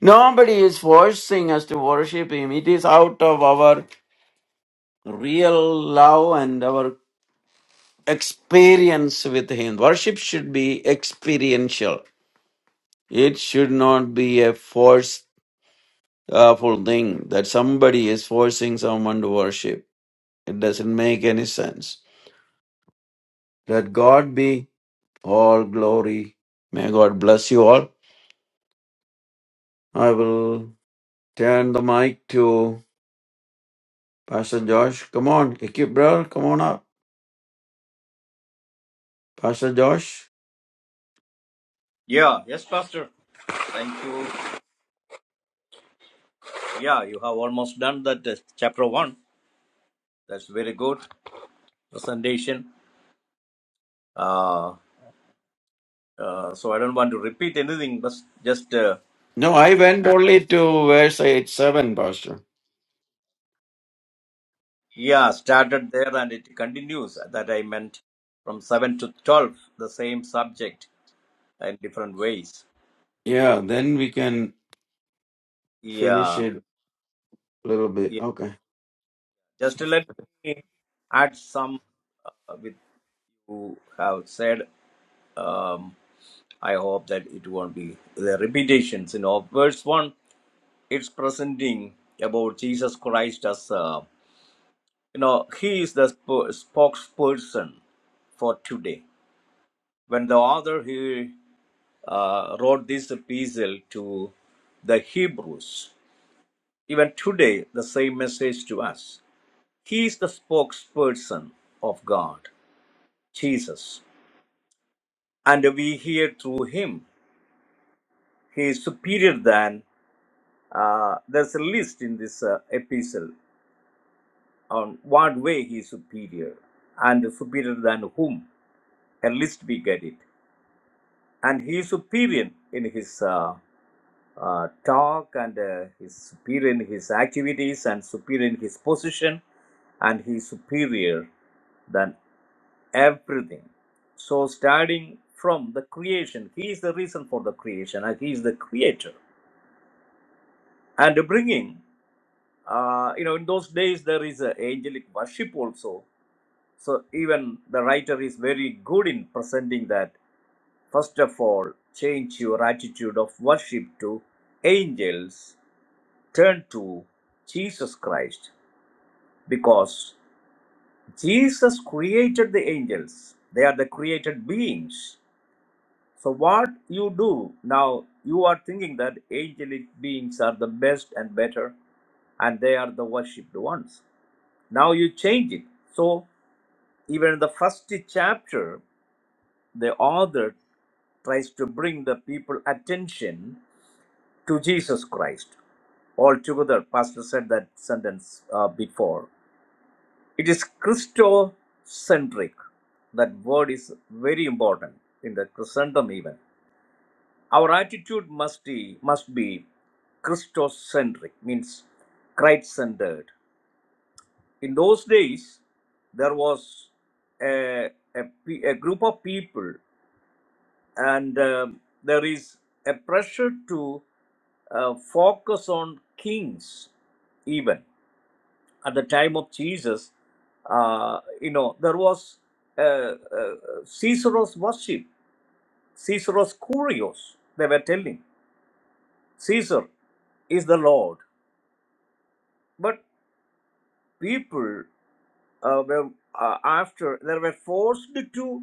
Speaker 2: Nobody is forcing us to worship Him. It is out of our real love and our experience with Him. Worship should be experiential, it should not be a forceful thing that somebody is forcing someone to worship. It doesn't make any sense. Let God be all glory. May God bless you all. I will turn the mic to Pastor Josh. Come on, Ikip, brother, come on up. Pastor Josh.
Speaker 3: Yeah, yes, Pastor. Thank you. Yeah, you have almost done that uh, chapter one. That's very good presentation. Uh, uh, so I don't want to repeat anything, but just uh,
Speaker 2: No, I went
Speaker 3: add-
Speaker 2: only to verse 8 7, Pastor.
Speaker 3: yeah, started there and it continues. That I meant from seven to twelve, the same subject in different ways.
Speaker 2: Yeah, then we can finish
Speaker 3: Yeah,
Speaker 2: it a little bit.
Speaker 3: yeah.
Speaker 2: Okay.
Speaker 3: Just let me add some uh, with you have said. Um, I hope that it won't be the repetitions. You know, verse one, it's presenting about Jesus Christ as uh, you know he is the sp- spokesperson for today. When the author he uh, wrote this epistle to the Hebrews, even today the same message to us. He is the spokesperson of God, Jesus, and we hear through him. He is superior than Uh, there's a list in this uh, epistle on what way he is superior and superior than whom. A list we get it. And he is superior in his uh, uh, talk and uh, he is superior in his activities and superior in his position and he is superior than everything. So, starting from the creation, he is the reason for the creation and he is the creator. And bringing Uh, you know, in those days there is a angelic worship also. So even the writer is very good in presenting that. First of all, change your attitude of worship to angels. Turn to Jesus Christ because Jesus created the angels. They are the created beings. So what you do now, you are thinking that angelic beings are the best and better, and they are the worshipped ones. Now you change it. So, even in the first chapter, the author tries to bring the people attention to Jesus Christ. Altogether, Pastor said that sentence uh, before. It is Christocentric. That word is very important in the Christendom even. Our attitude must be, must be Christocentric, means Christ centered. in those days there was a, a, a group of people and um, there is a pressure to uh, focus on kings even at the time of jesus uh, you know there was uh, uh, caesar's worship caesar's curios they were telling caesar is the lord but people uh, were uh, after they were forced to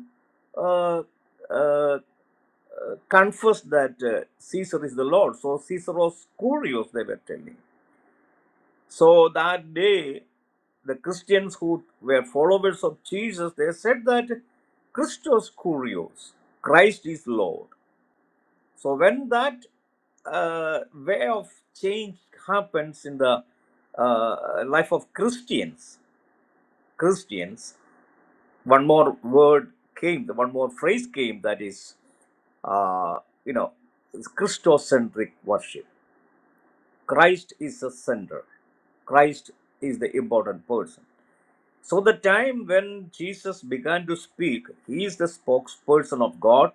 Speaker 3: uh, uh, confess that uh, Caesar is the Lord. So Caesar was curious, they were telling. So that day, the Christians who were followers of Jesus, they said that Christos curios, Christ is Lord. So when that uh, way of change happens in the uh, life of Christians, Christians. one more word came, the one more phrase came that is, uh, you know, it's Christocentric worship. Christ is the center. Christ is the important person. So, the time when Jesus began to speak, he is the spokesperson of God.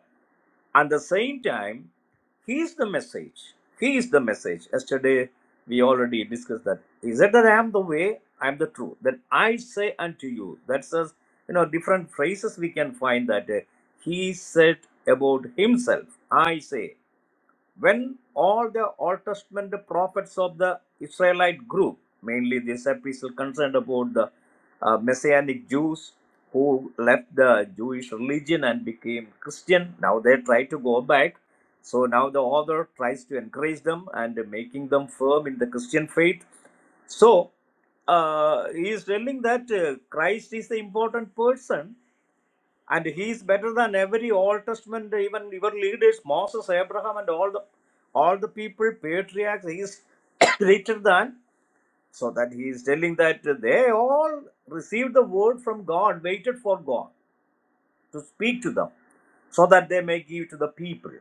Speaker 3: At the same time, he is the message. He is the message. Yesterday, we already discussed that. He said that I am the way, I am the truth. That I say unto you. That says, you know, different phrases we can find that uh, he said about himself. I say when all the old testament prophets of the israelite group mainly this epistle concerned about the uh, messianic jews who left the jewish religion and became christian now they try to go back so now the author tries to encourage them and making them firm in the christian faith so uh, he is telling that uh, christ is the important person and he is better than every old testament even your leaders moses abraham and all the all the people patriarchs He is greater than so that he is telling that they all received the word from god waited for god to speak to them so that they may give to the people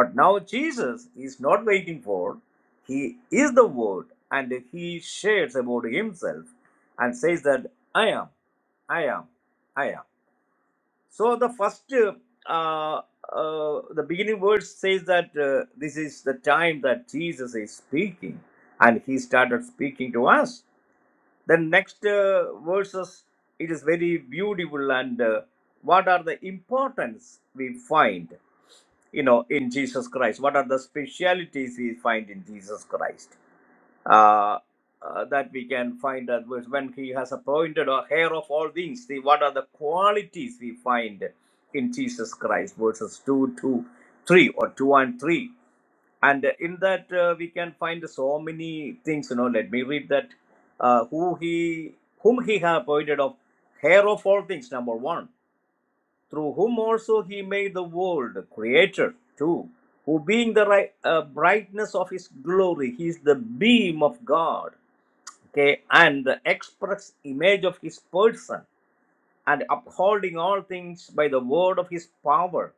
Speaker 3: but now jesus is not waiting for he is the word and he shares about himself and says that i am i am i am so the first, uh, uh, the beginning verse says that uh, this is the time that Jesus is speaking, and he started speaking to us. Then next uh, verses, it is very beautiful, and uh, what are the importance we find, you know, in Jesus Christ? What are the specialities we find in Jesus Christ? uh, uh, that we can find that verse when he has appointed a hair of all things see what are the qualities we find in jesus christ verses 2 to 3 or 2 and 3 and in that uh, we can find so many things you know let me read that uh, who he whom he has appointed of hair of all things number one through whom also he made the world creator two who being the right, uh, brightness of his glory he is the beam of god okay, and the express image of his person, and upholding all things by the word of his power.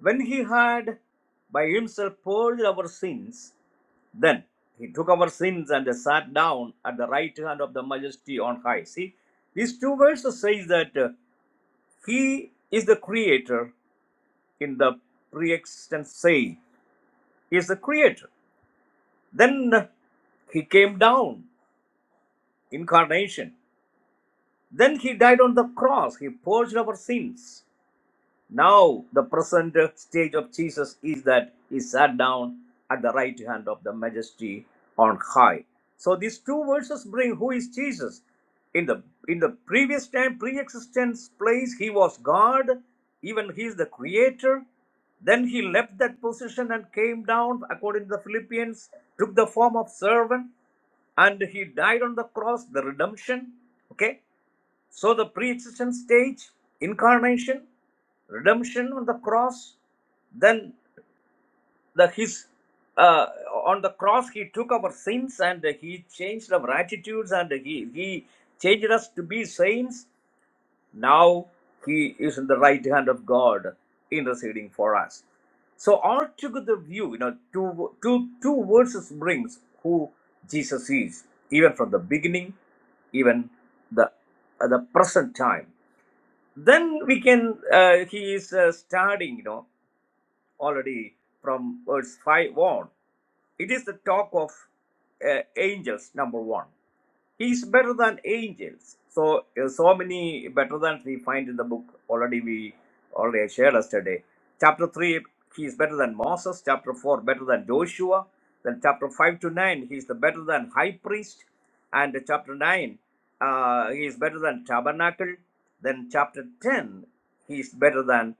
Speaker 3: When he had by himself purged our sins, then he took our sins and sat down at the right hand of the majesty on high. See, these two verses says that uh, he is the creator in the pre-existent sage. He is the creator. Then he came down, incarnation. Then he died on the cross. He purged our sins. Now, the present stage of Jesus is that he sat down at the right hand of the majesty on high. So these two verses bring who is Jesus. In the in the previous time, pre-existence place, he was God, even he is the creator. Then he left that position and came down, according to the Philippians, took the form of servant, and he died on the cross, the redemption. Okay, so the pre-existent stage, incarnation, redemption on the cross, then the his uh, on the cross he took our sins and he changed our attitudes and he he changed us to be saints. Now he is in the right hand of God, interceding for us. So altogether view, you know, two two two verses brings who Jesus is, even from the beginning, even the at the present time then we can uh, he is uh, starting you know already from verse 5 on it is the talk of uh, angels number one He's better than angels. So uh, so many better than we find in the book. Already we already shared yesterday. Chapter three, he is better than Moses. Chapter four, better than Joshua. Then chapter five to nine, he is the better than high priest. And chapter nine, uh, he is better than tabernacle. Then chapter ten, he is better than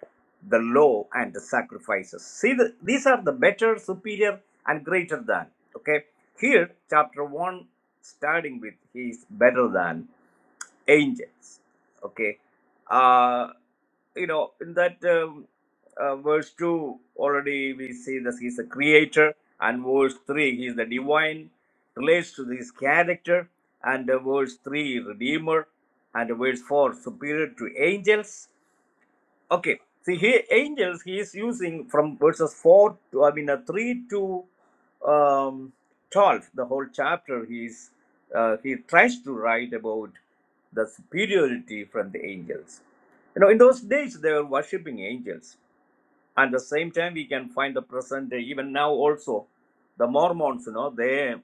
Speaker 3: the law and the sacrifices. See, the, these are the better, superior, and greater than. Okay, here chapter one starting with he is better than angels okay uh you know in that um, uh, verse 2 already we see that he's a creator and verse 3 he is the divine relates to his character and uh, verse 3 redeemer and uh, verse 4 superior to angels Okay. See, he angels he is using from verses four to I mean uh, three to um, twelve. The whole chapter he's uh, he tries to write about the superiority from the angels. You know, in those days they were worshiping angels. At the same time, we can find the present day, even now also, the Mormons. You know, they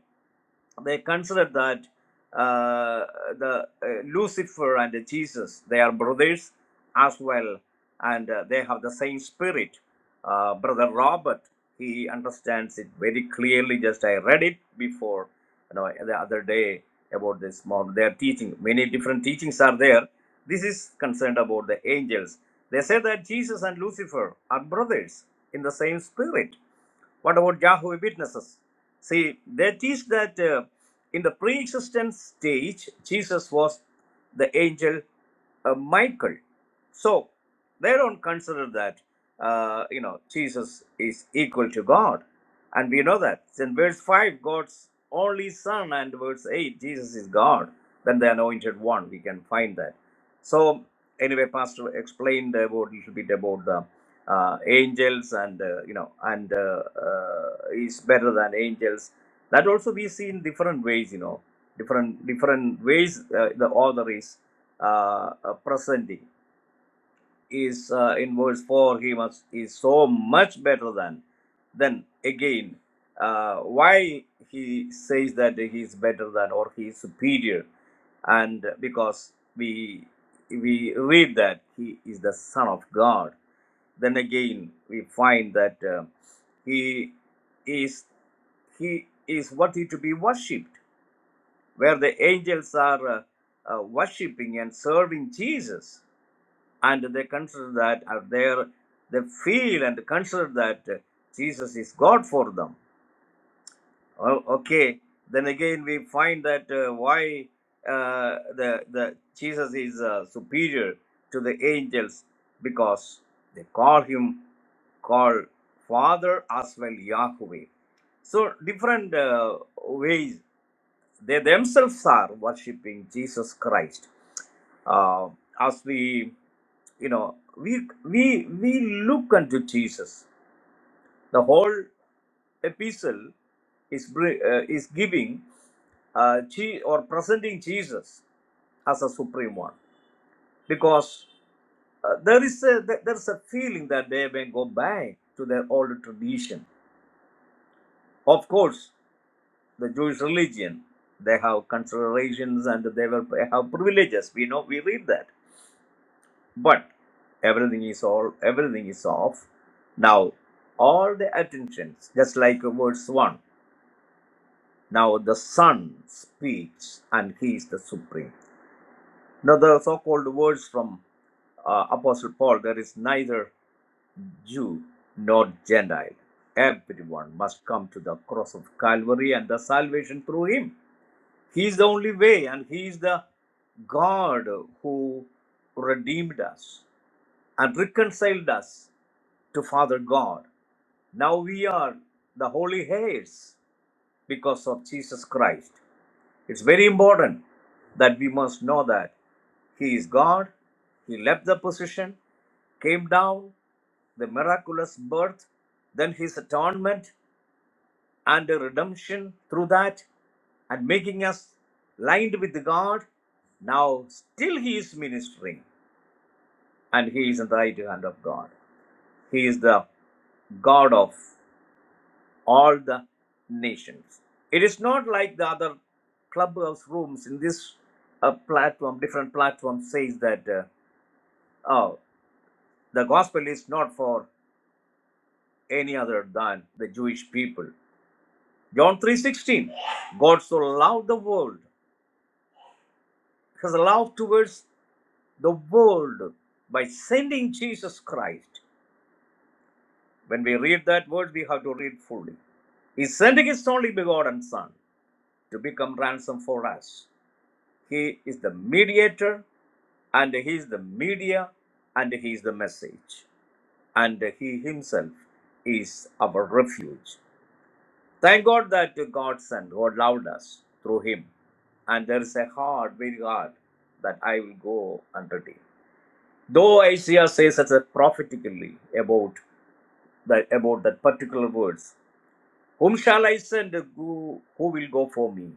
Speaker 3: they consider that uh, the uh, Lucifer and Jesus they are brothers as well, and uh, they have the same spirit. Uh, Brother Robert he understands it very clearly. Just I read it before, you know, the other day about this model. They are teaching many different teachings are there. This is concerned about the angels. They say that Jesus and Lucifer are brothers in the same spirit what about Yahweh Witnesses? See, they teach that uh, in the pre existence stage, Jesus was the angel uh, Michael. So they don't consider that, uh, you know, Jesus is equal to God. And we know that. In verse 5, God's only Son, and verse 8, Jesus is God. Then the anointed one, we can find that. So anyway, Pastor explained about little bit about the uh, angels and uh, you know and uh, uh, is better than angels. That also we see in different ways, you know, different different ways uh, the author is uh, uh, presenting is uh, in verse 4 he must is so much better than then again uh, why he says that he is better than or he is superior and because we we read that he is the son of god then again we find that uh, he is he is worthy to be worshipped where the angels are uh, uh, worshipping and serving jesus and they consider that uh, they they feel and consider that uh, Jesus is God for them. Oh, okay, then again we find that uh, why uh, the the Jesus is uh, superior to the angels because they call him call Father as well Yahweh. So different uh, ways they themselves are worshipping Jesus Christ uh, as we you know we we we look unto jesus the whole epistle is bri- uh, is giving uh, Je- or presenting jesus as a supreme one because uh, there is a there- there's a feeling that they may go back to their old tradition of course the jewish religion they have considerations and they were they have privileges we know we read that But everything is all everything is off. Now all the attentions, just like verse one. Now the Son speaks and he is the supreme. Now the so-called words from uh, Apostle Paul, there is neither Jew nor Gentile. Everyone must come to the cross of Calvary and the salvation through him. He is the only way, and he is the God who redeemed us and reconciled us to Father God. Now we are the holy heirs because of Jesus Christ. It's very important that we must know that He is God. He left the position, came down, the miraculous birth, then His atonement and the redemption through that, and making us lined with God. Now, still He is ministering and He is in the right hand of God. He is the God of all the nations. It is not like the other clubhouse rooms in this uh, platform, different platform says that, uh, oh, the gospel is not for any other than the Jewish people. John 3.16, God so loved the world, his love towards the world by sending Jesus Christ. When we read that word, we have to read fully. He's sending his only begotten Son to become ransom for us. He is the mediator, and he is the media, and he is the message, and he himself is our refuge. Thank God that God sent, God loved us through him. And there is a heart, very hard, that I will go and redeem. Though Isaiah says as a prophetically about that about that particular words, whom shall I send? Who, who will go for me?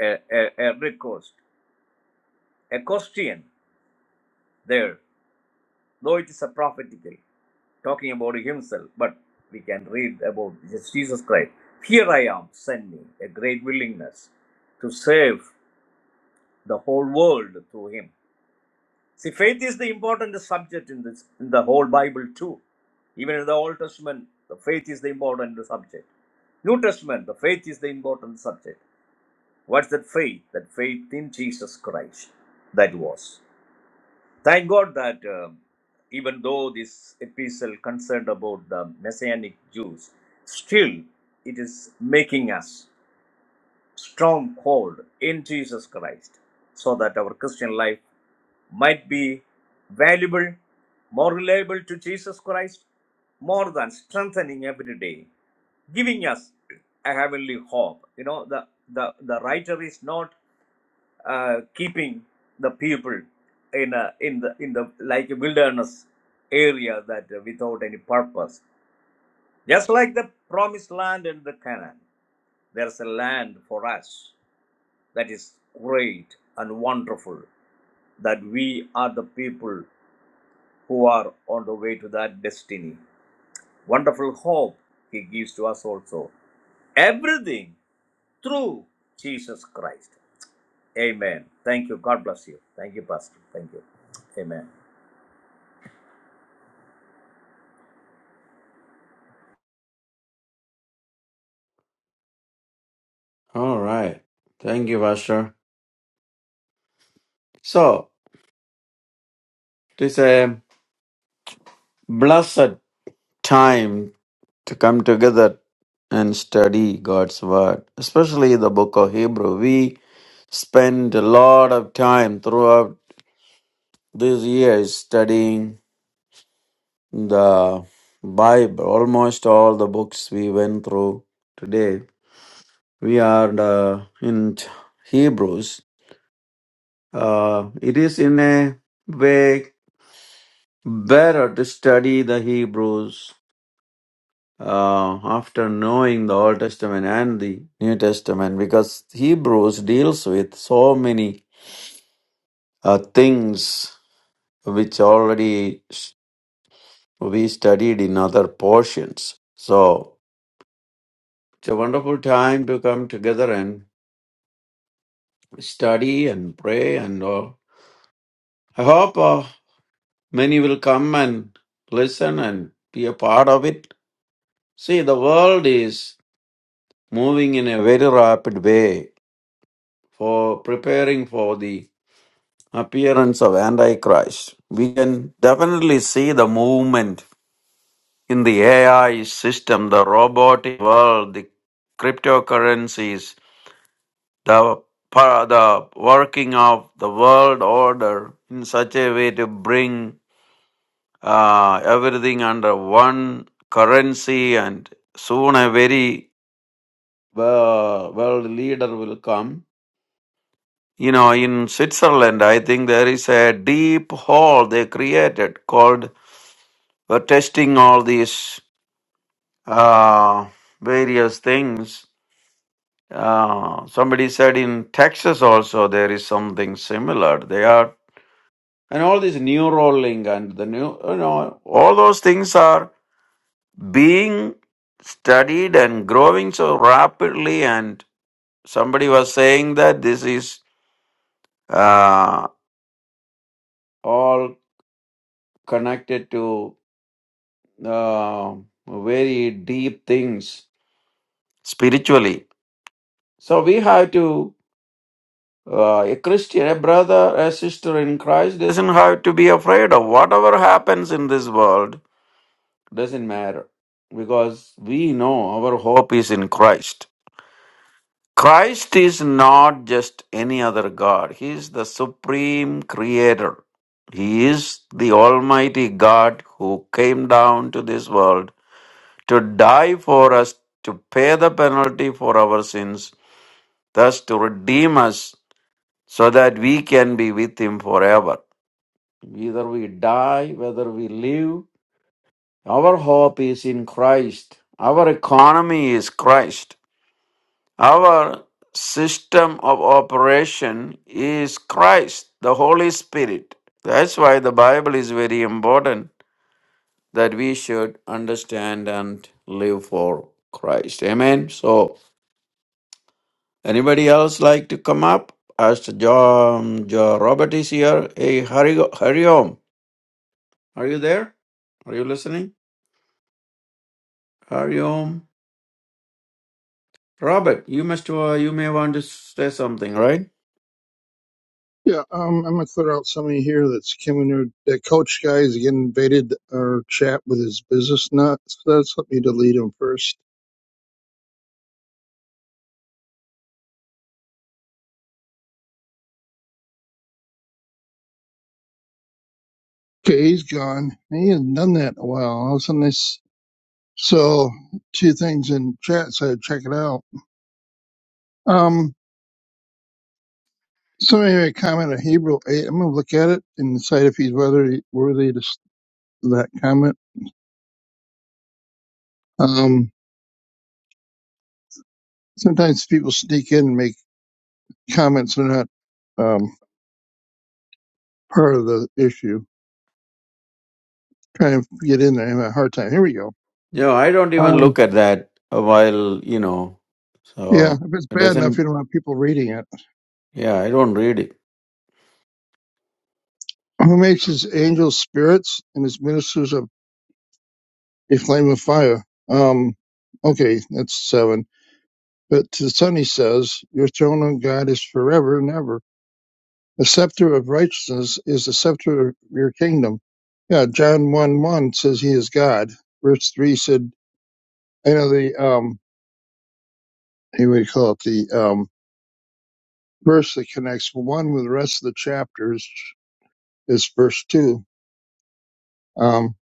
Speaker 3: A, a, a request, a question there. though it is a prophetical, talking about himself, but we can read about Jesus Christ. Here I am, send me a great willingness to save the whole world through him. See, faith is the important subject in this in the whole Bible too. Even in the Old Testament, the faith is the important subject. New Testament, the faith is the important subject. What's that faith? That faith in Jesus Christ. That was. Thank God that um, even though this epistle concerned about the Messianic Jews, still it is making us stronghold in Jesus Christ so that our Christian life might be valuable, more reliable to Jesus Christ, more than strengthening every day, giving us a heavenly hope. You know, the, the, the writer is not uh, keeping the people in a, in the in the like a wilderness area that uh, without any purpose just like the promised land and the canaan there's a land for us that is great and wonderful that we are the people who are on the way to that destiny wonderful hope he gives to us also everything through jesus christ amen thank you god bless you thank you pastor thank you amen
Speaker 2: All right. Thank you, Pastor. So, it is a blessed time to come together and study God's Word, especially the book of Hebrew. We spend a lot of time throughout these years studying the Bible, almost all the books we went through today we are uh, in Hebrews. Uh, it is in a way better to study the Hebrews uh, after knowing the Old Testament and the New Testament because Hebrews deals with so many uh, things which already s- we studied in other portions. So it's a wonderful time to come together and study and pray and all. I hope. uh, Many will come and listen and be a part of it. See, the world is moving in a very rapid way for preparing for the appearance of Antichrist. We can definitely see the movement in the AI system, the robotic world, the cryptocurrencies, the pa- the working of the world order in such a way to bring uh, everything under one currency, and soon a very uh, world leader will come. You know, in Switzerland, I think there is a deep hole they created called for testing all these uh, various things. Uh, somebody said in Texas also there is something similar. They are and all this neuralink and the new you know all those things are being studied and growing so rapidly and somebody was saying that this is uh, all connected to uh, very deep things spiritually so we have to uh, a christian a brother a sister in christ doesn't have to be afraid of whatever happens in this world doesn't matter because we know our hope is in christ Christ is not just any other God. He is the supreme creator. He is the Almighty God who came down to this world to die for us, to pay the penalty for our sins, thus to redeem us so that we can be with Him forever. Either we die, whether we live, our hope is in Christ. Our economy is Christ. Our system of operation is Christ, the Holy Spirit. That's why the Bible is very important that we should understand and live for Christ. Amen. So, anybody else like to come up? Pastor John, John Robert is here. Hey, hurry, hurry home. Are you there? Are you listening? Hurry home. Robert, you must. Uh, you may want to say something, right?
Speaker 4: Yeah, um, I'm gonna throw out somebody here that's coming. in. That coach guy is getting invaded our chat with his business nuts. That's let me delete him first. Okay, he's gone. He hasn't done that in a while. All of a sudden, this so two things in chat. So check it out. Um, somebody made a comment on Hebrew eight. I'm gonna look at it and decide if he's whether worthy to s- that comment. Um, sometimes people sneak in and make comments that are not um part of the issue. trying to get in there. I'm having a hard time. Here we go.
Speaker 2: You know, I don't even
Speaker 4: Um,
Speaker 2: look at that uh, while, you know,
Speaker 4: yeah,
Speaker 2: so
Speaker 4: if it's
Speaker 2: it
Speaker 4: bad enough,
Speaker 2: doesn't,
Speaker 4: you don't want people reading it.
Speaker 2: yeah, I don't read it.
Speaker 4: Who makes his angels spirits and his ministers of a flame of fire? Um, okay, that's seven. But to the son he says, Your throne, O God, is forever and ever. The scepter of righteousness is the scepter of your kingdom. Yeah, John 1 1 says he is God. Verse 3 said, I know the, um, what do you call it? The um, verse that connects one with the rest of the chapters is verse two. Um,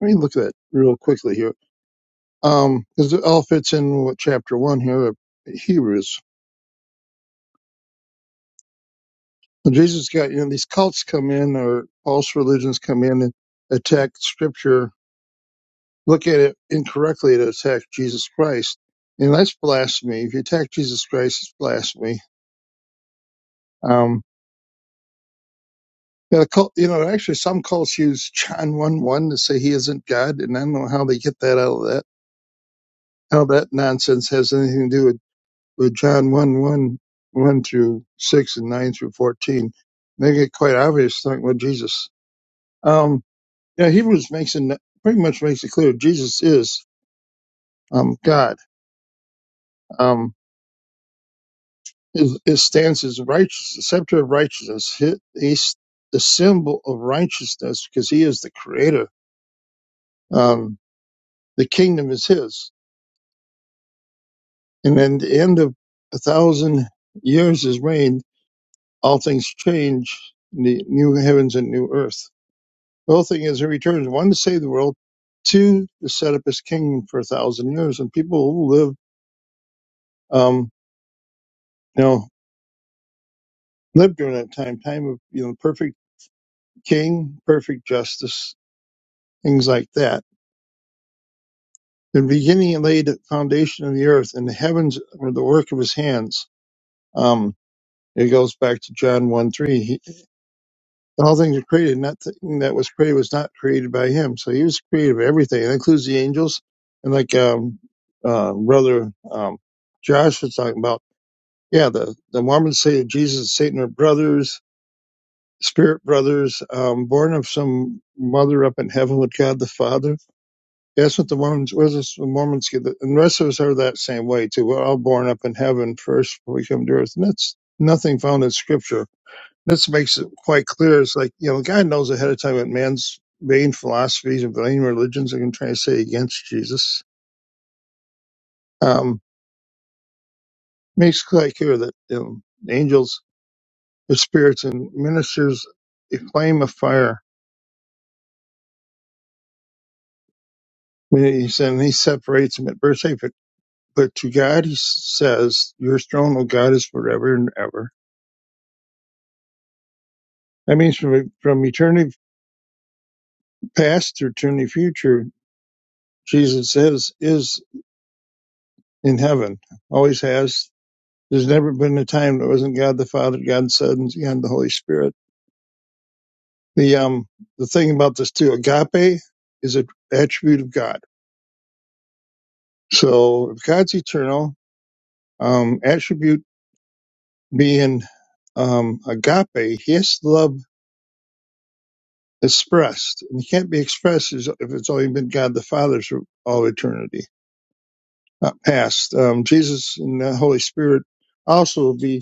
Speaker 4: let me look at that real quickly here. Um, because it all fits in with chapter one here of Hebrews. When Jesus got, you know, these cults come in or false religions come in and attack scripture, look at it incorrectly to attack Jesus Christ. And that's blasphemy. If you attack Jesus Christ, it's blasphemy. Um, yeah, the cult, you know, actually some cults use John 1 1 to say he isn't God. And I don't know how they get that out of that, how that nonsense has anything to do with. with John one one one through 6 and 9 through 14, make it quite obvious like about Jesus. Um, yeah, Hebrews makes it pretty much makes it clear Jesus is um, God. Um, his, his stance is righteous, the scepter of righteousness. He, he's the symbol of righteousness because he is the creator. Um, the kingdom is his. And then the end of a thousand years is reigned, all things change, the new heavens and new earth The whole thing is he returns, one, to save the world, two, to set up his kingdom for a thousand years. And people who live, um, you know, live during that time, time of, you know, perfect king, perfect justice, things like that. In the beginning, he laid the foundation of the earth, and the heavens were the work of his hands. Um, it goes back to John 1 3. All things are created. Nothing that was created was not created by him. So he was creative of everything. That includes the angels. And like um, uh, brother um, Josh was talking about, yeah, the, the Mormons say that Jesus and Satan are brothers, spirit brothers, um, born of some mother up in heaven with God the Father. That's what the Mormons, what is the Mormons get. The- And the rest of us are that same way too. We're all born up in heaven first before we come to earth. And that's nothing found in scripture this makes it quite clear. It's like, you know, God knows ahead of time what man's vain philosophies and vain religions are going to try to say against Jesus. Um, makes it quite clear that you know, angels, the spirits, and ministers a flame of fire. When he said, and he separates them at verse 8, but, but to God he says, Your throne, O God, is forever and ever. That means from, from eternity past to eternity future, Jesus is, is in heaven, always has, There's never been a time that wasn't God the Father, God the Son, and the Holy Spirit. The um the thing about this too, agape is an attribute of God. So if God's eternal, um, attribute being um, agape, he has to love expressed, and he can't be expressed as- if it's only been God the Father for all eternity not past. Um, Jesus and the Holy Spirit also will be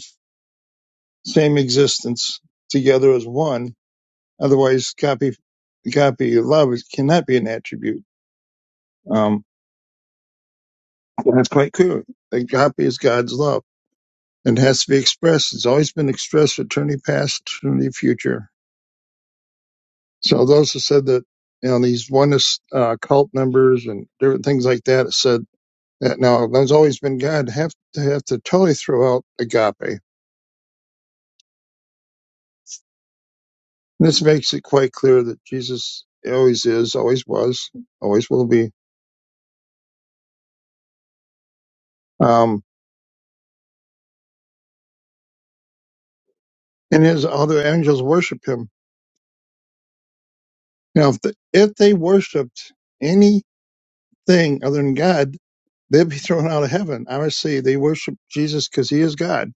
Speaker 4: same existence together as one, Otherwise, copy copy of love is, cannot be an attribute. Um, that's quite clear. The copy is God's love and has to be expressed. It's always been expressed for eternity past, eternity future. So those who said that, you know, these oneness uh, cult members and different things like that said that now there's always been God have to have to totally throw out agape. This makes it quite clear that Jesus always is, always was, always will be. Um, and his other angels worship him Now, if, the, if they worshipped anything other than God, they'd be thrown out of heaven. Obviously, they worship Jesus because he is God.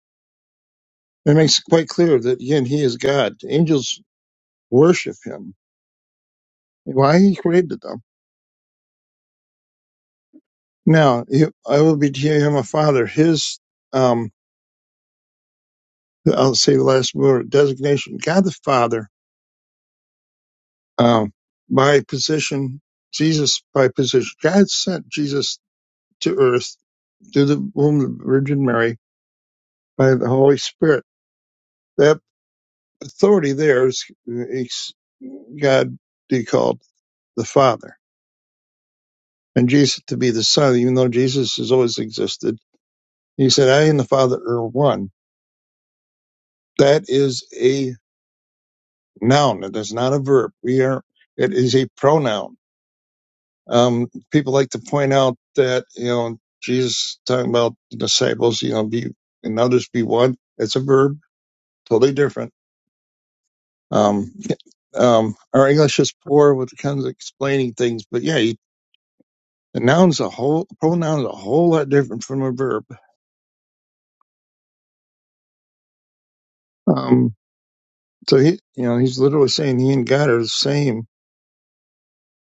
Speaker 4: It makes it quite clear that, again, he is God. Angels worship him. Why he created them. Now, he, I will be to him a father. His, um, I'll say the last word, designation, God the Father, um, by position, Jesus by position. God sent Jesus to earth through the womb of Virgin Mary by the Holy Spirit That. authority there is is God be called the Father and Jesus to be the Son, even though Jesus has always existed. He said, I and the Father are one. That is a noun. It is not a verb. We are, it is a pronoun. Um, people like to point out that, you know, Jesus talking about the disciples, you know, be and others be one. It's a verb, totally different. Um, yeah, um, our English is poor with the kinds of explaining things, but yeah, The noun's a whole pronoun's a whole lot different from a verb. Um, so he, you know, he's literally saying he and God are the same.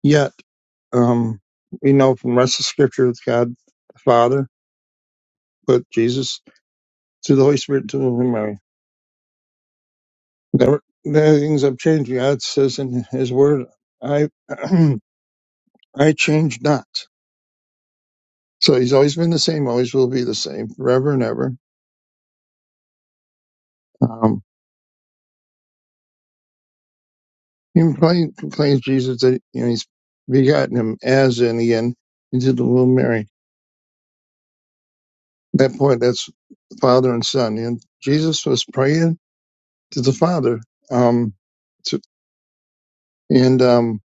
Speaker 4: Yet, um, we know from the rest of Scripture that God the Father put Jesus through the Holy Spirit to the Virgin Mary. Never, the things have changed. God says in His Word, "I, I change not." So He's always been the same, always will be the same, forever and ever. Um, he complains, complains Jesus that you know He's begotten Him as in again into the womb of Mary At that point, that's Father and Son. And Jesus was praying to the Father. Um, to, and um,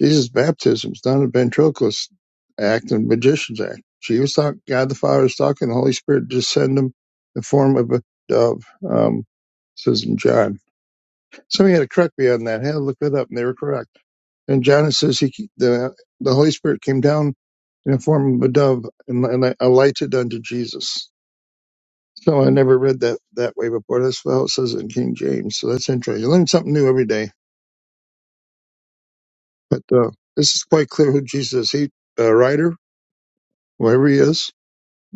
Speaker 4: Jesus' baptism is not a ventriloquist act and magician's act. She was talking, God the Father is talking, the Holy Spirit descend him in the form of a dove, um, says in John. Somebody had to correct me on that. I had to look it up, and they were correct. And John it says he the the Holy Spirit came down in the form of a dove and, and alighted unto Jesus. So I never read that that way before. That's how it says it in King James. So that's interesting. You learn something new every day. But uh, this is quite clear who Jesus is. He a writer, whoever he is.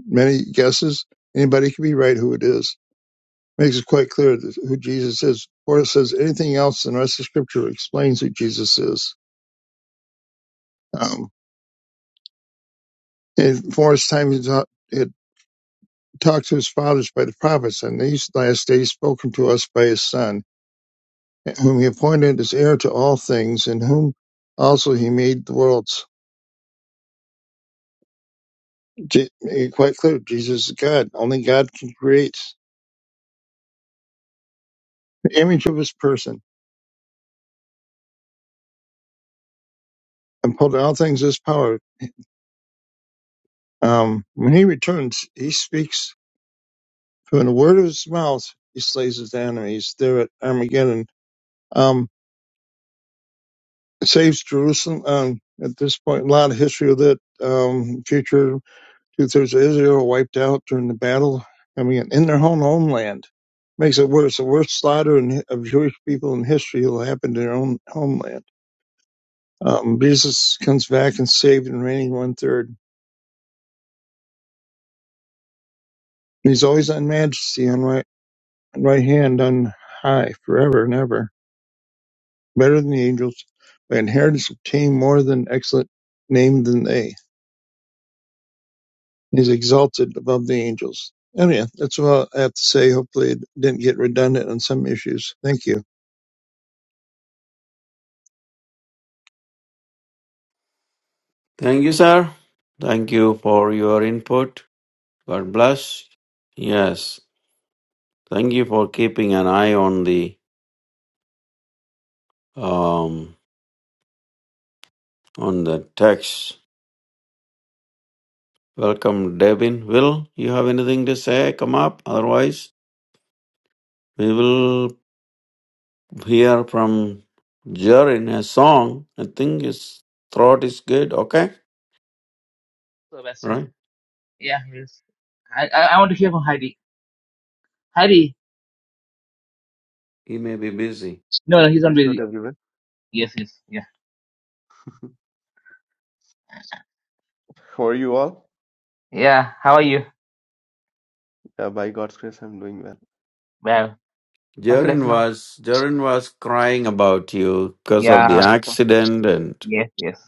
Speaker 4: Many guesses. Anybody can be right who it is. Makes it quite clear that who Jesus is. Before it says anything else in the rest of Scripture explains who Jesus is. Um, and for his time he, taught, he had talked to his fathers by the prophets, and these last days spoken to us by his son. whom he appointed as heir to all things, in whom also he made the worlds. Je- eh, quite clear, Jesus is God. Only God can create the image of his person and put all things in his power. Um, when he returns, he speaks from the word of his mouth. He slays his enemies there at Armageddon. Um, saves Jerusalem. Um, at this point, a lot of history of that um, future Two thirds of Israel wiped out during the battle. I mean, in their own homeland. Makes it worse. The worst slaughter in, of Jewish people in history will happen in their own homeland. Um, Jesus comes back and saved and reigning one third. He's always on majesty, on right, right hand, on high, forever and ever. Better than the angels, by inheritance obtained more than excellent name than they. He's exalted above the angels. And yeah, that's all I have to say. Hopefully, it didn't get redundant on some issues. Thank you.
Speaker 2: Thank you, sir. Thank you for your input. God bless. Yes. Thank you for keeping an eye on the um on the text. Welcome, Devin. Will you have anything to say? Come up. Otherwise, we will hear from Jer in a song. I think his throat is good. Okay,
Speaker 1: So Western,
Speaker 2: right?
Speaker 1: yeah, we'll, I, I I want to hear from Heidi. Heidi,
Speaker 2: He may be busy.
Speaker 1: no, no, he's not
Speaker 5: Praise the Lord,
Speaker 1: busy.
Speaker 5: everyone.
Speaker 1: Yes, yes, yeah,
Speaker 5: How are you all?
Speaker 1: yeah. How are you?
Speaker 5: Uh, by God's grace, I'm doing well.
Speaker 1: Well, how's it like
Speaker 2: Jaren
Speaker 1: now?
Speaker 2: was Jaren was crying about you because of the
Speaker 1: Yeah,
Speaker 5: Appa.
Speaker 2: accident and
Speaker 1: yes, yes.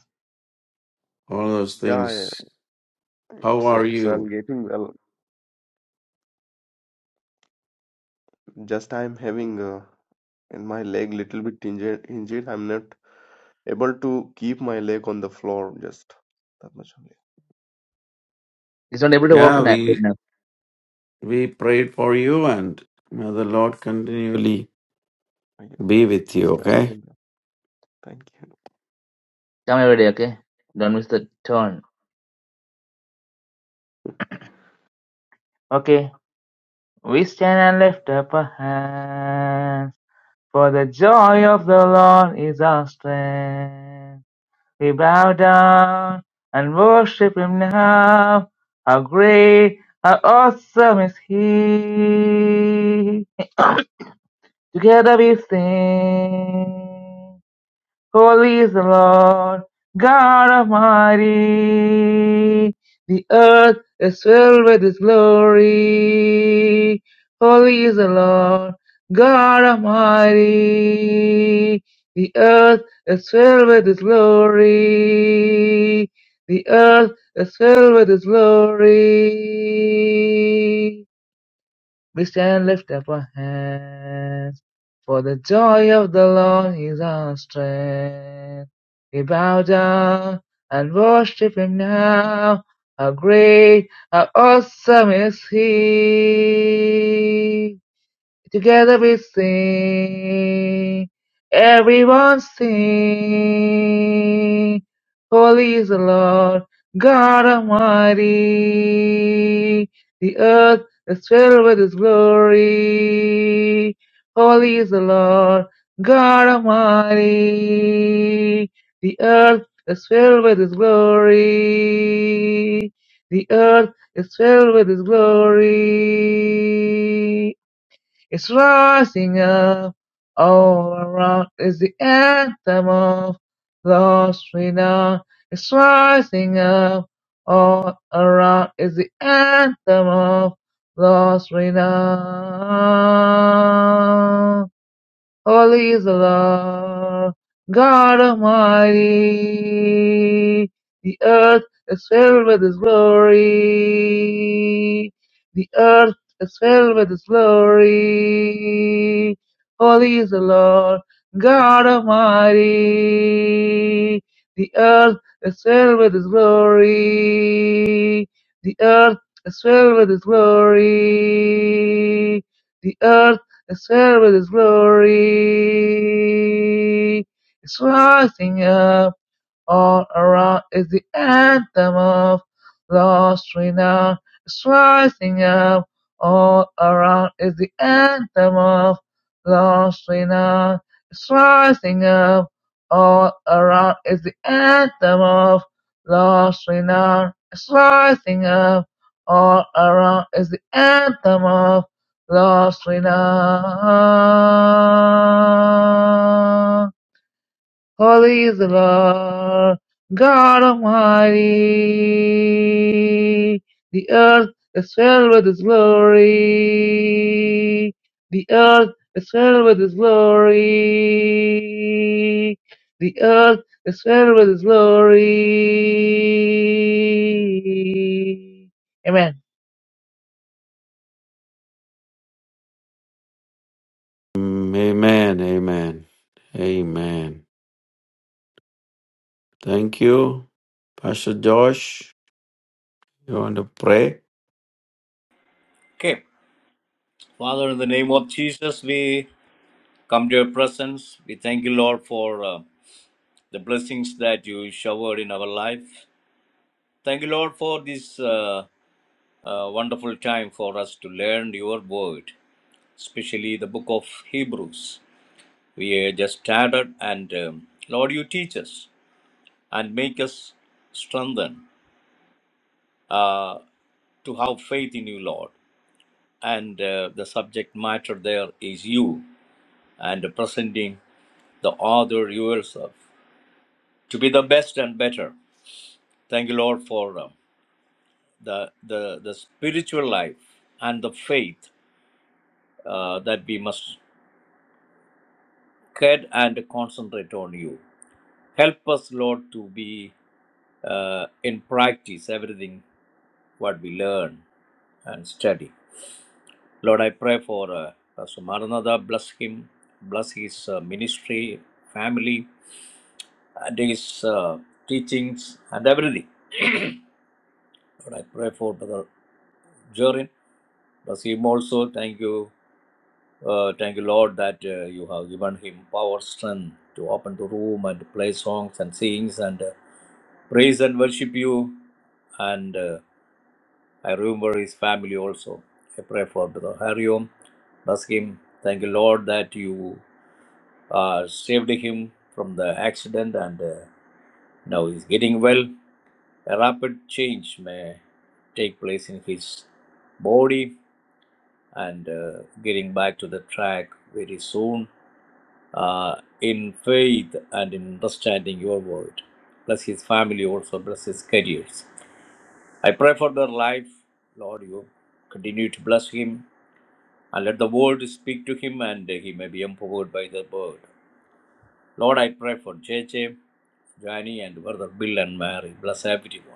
Speaker 2: all those
Speaker 5: Yeah, yeah,
Speaker 2: things. How
Speaker 5: it's,
Speaker 2: are
Speaker 5: it's I'm
Speaker 2: you?
Speaker 5: getting well. Just I'm having uh, in my leg little bit injured. Injured. I'm not able to keep my leg on the floor. Just that much only.
Speaker 1: He's not able to walk
Speaker 2: Yeah,
Speaker 5: Still, on
Speaker 2: we
Speaker 1: now.
Speaker 2: we prayed for you and may the Lord continually
Speaker 5: the- yeah.
Speaker 2: be with you,
Speaker 5: Thank
Speaker 2: okay?
Speaker 5: you. Thank you.
Speaker 1: Come every day, okay? Don't miss the turn. Okay. We stand and lift up our hands, for the joy of the Lord is our strength. We bow down and worship Him now. How great, how awesome is He! Together we sing. Holy is the Lord God Almighty. The earth is filled with His glory. Holy is the Lord God Almighty. The earth is filled with His glory. The earth is filled with His glory. We stand, lift up our hands, for the joy of the Lord is our strength. We bow down and worship Him now. How great, how awesome is He! Together we sing. Everyone sing. Holy is the Lord, God Almighty. The earth is filled with His glory. Holy is the Lord, God Almighty. The earth is filled with His glory. The earth is filled with His glory. It's rising up all around is the anthem of lost renown. It's rising up all around is the anthem of lost renown. Holy is the Lord, God Almighty. The earth is filled with His glory. The earth is filled with His glory. Holy is the Lord, God Almighty. The earth is filled with His glory. The earth is filled with His glory. The earth Except with His glory is rising up. All around is the anthem of lost renown. It's rising up. All around is the anthem of lost renown. It's rising up. All around is the anthem of lost renown. It's rising up. All around is the anthem of lost renown. Holy is the Lord God Almighty. The earth is filled with His glory. The earth is filled with His glory. The earth is filled with His glory. Amen.
Speaker 2: Mm, Amen, amen. Amen. Thank you. Pastor Josh, you want to pray?
Speaker 3: Okay. Father, in the name of Jesus, we come to your presence. We thank you, Lord, for uh, the blessings that you showered in our life. Thank you, Lord, for this uh, uh, wonderful time for us to learn your word, especially the book of Hebrews. We uh, just started, and um, Lord, you teach us and make us strengthen uh, to have faith in you, Lord. And uh, the subject matter there is you and presenting the other yourself to be the best and better. Thank you, Lord, for um, the, the the spiritual life and the faith uh, that we must get and concentrate on you. Help us, Lord, to be uh, in practice everything what we learn and study. Lord, I pray for uh, Pastor Maranatha. Bless him, bless his uh, ministry, family, and his uh, teachings and everything. Lord, I pray for Brother Jorin, bless him also. Thank you, uh, thank you, Lord, that uh, you have given him power, strength to open the room and play songs and sings and uh, praise and worship you. And uh, I remember his family also. I pray for Brother Hariom. Bless him. Thank you, Lord, that you uh, saved him from the accident and uh, now he's getting well. A rapid change may take place in his body and uh, getting back to the track very soon uh, in faith and in understanding your word. Bless his family also, bless his careers. I pray for their life. Lord, you continue to bless him and let the world speak to him and he may be empowered by the word. Lord, I pray for JJ, Johnny, and brother Bill and Mary. Bless everyone.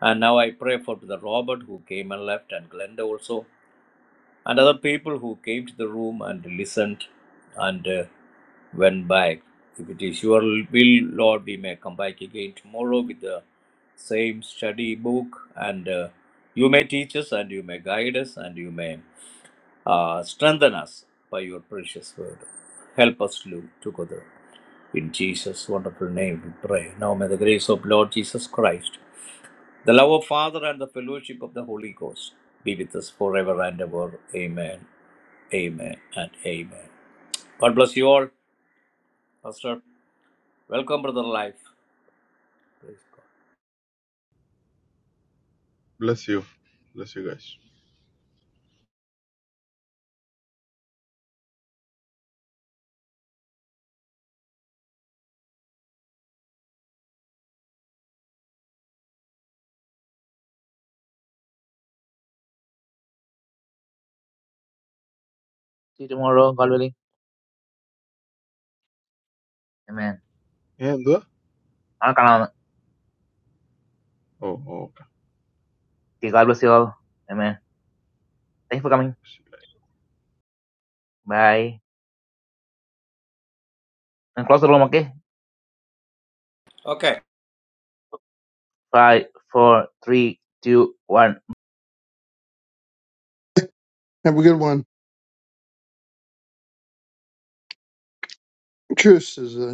Speaker 3: And now I pray for brother Robert who came and left and Glenda also. and other people who came to the room and listened and uh, went back. If it is your will, Lord, we may come back again tomorrow with the same study book, and uh, you may teach us, and you may guide us, and you may uh, strengthen us by your precious word. Help us, Lord, together. In Jesus' wonderful name we pray. Now may the grace of Lord Jesus Christ, the love of Father, and the fellowship of the Holy Ghost be with us forever and ever. Amen. Amen and amen. God bless you all. Pastor, welcome, Brother Life. Praise God.
Speaker 6: Bless you. Bless you guys.
Speaker 1: See you tomorrow, God willing. Amen.
Speaker 6: Yeah, എന്തുവാ?
Speaker 1: Alright,
Speaker 6: Oh, oh, okay.
Speaker 1: God bless you all. Amen. Thank you for coming. Bye. And close the room, okay?
Speaker 3: Okay,
Speaker 1: five, four, three, two, one.
Speaker 4: Have a good one. curses uh,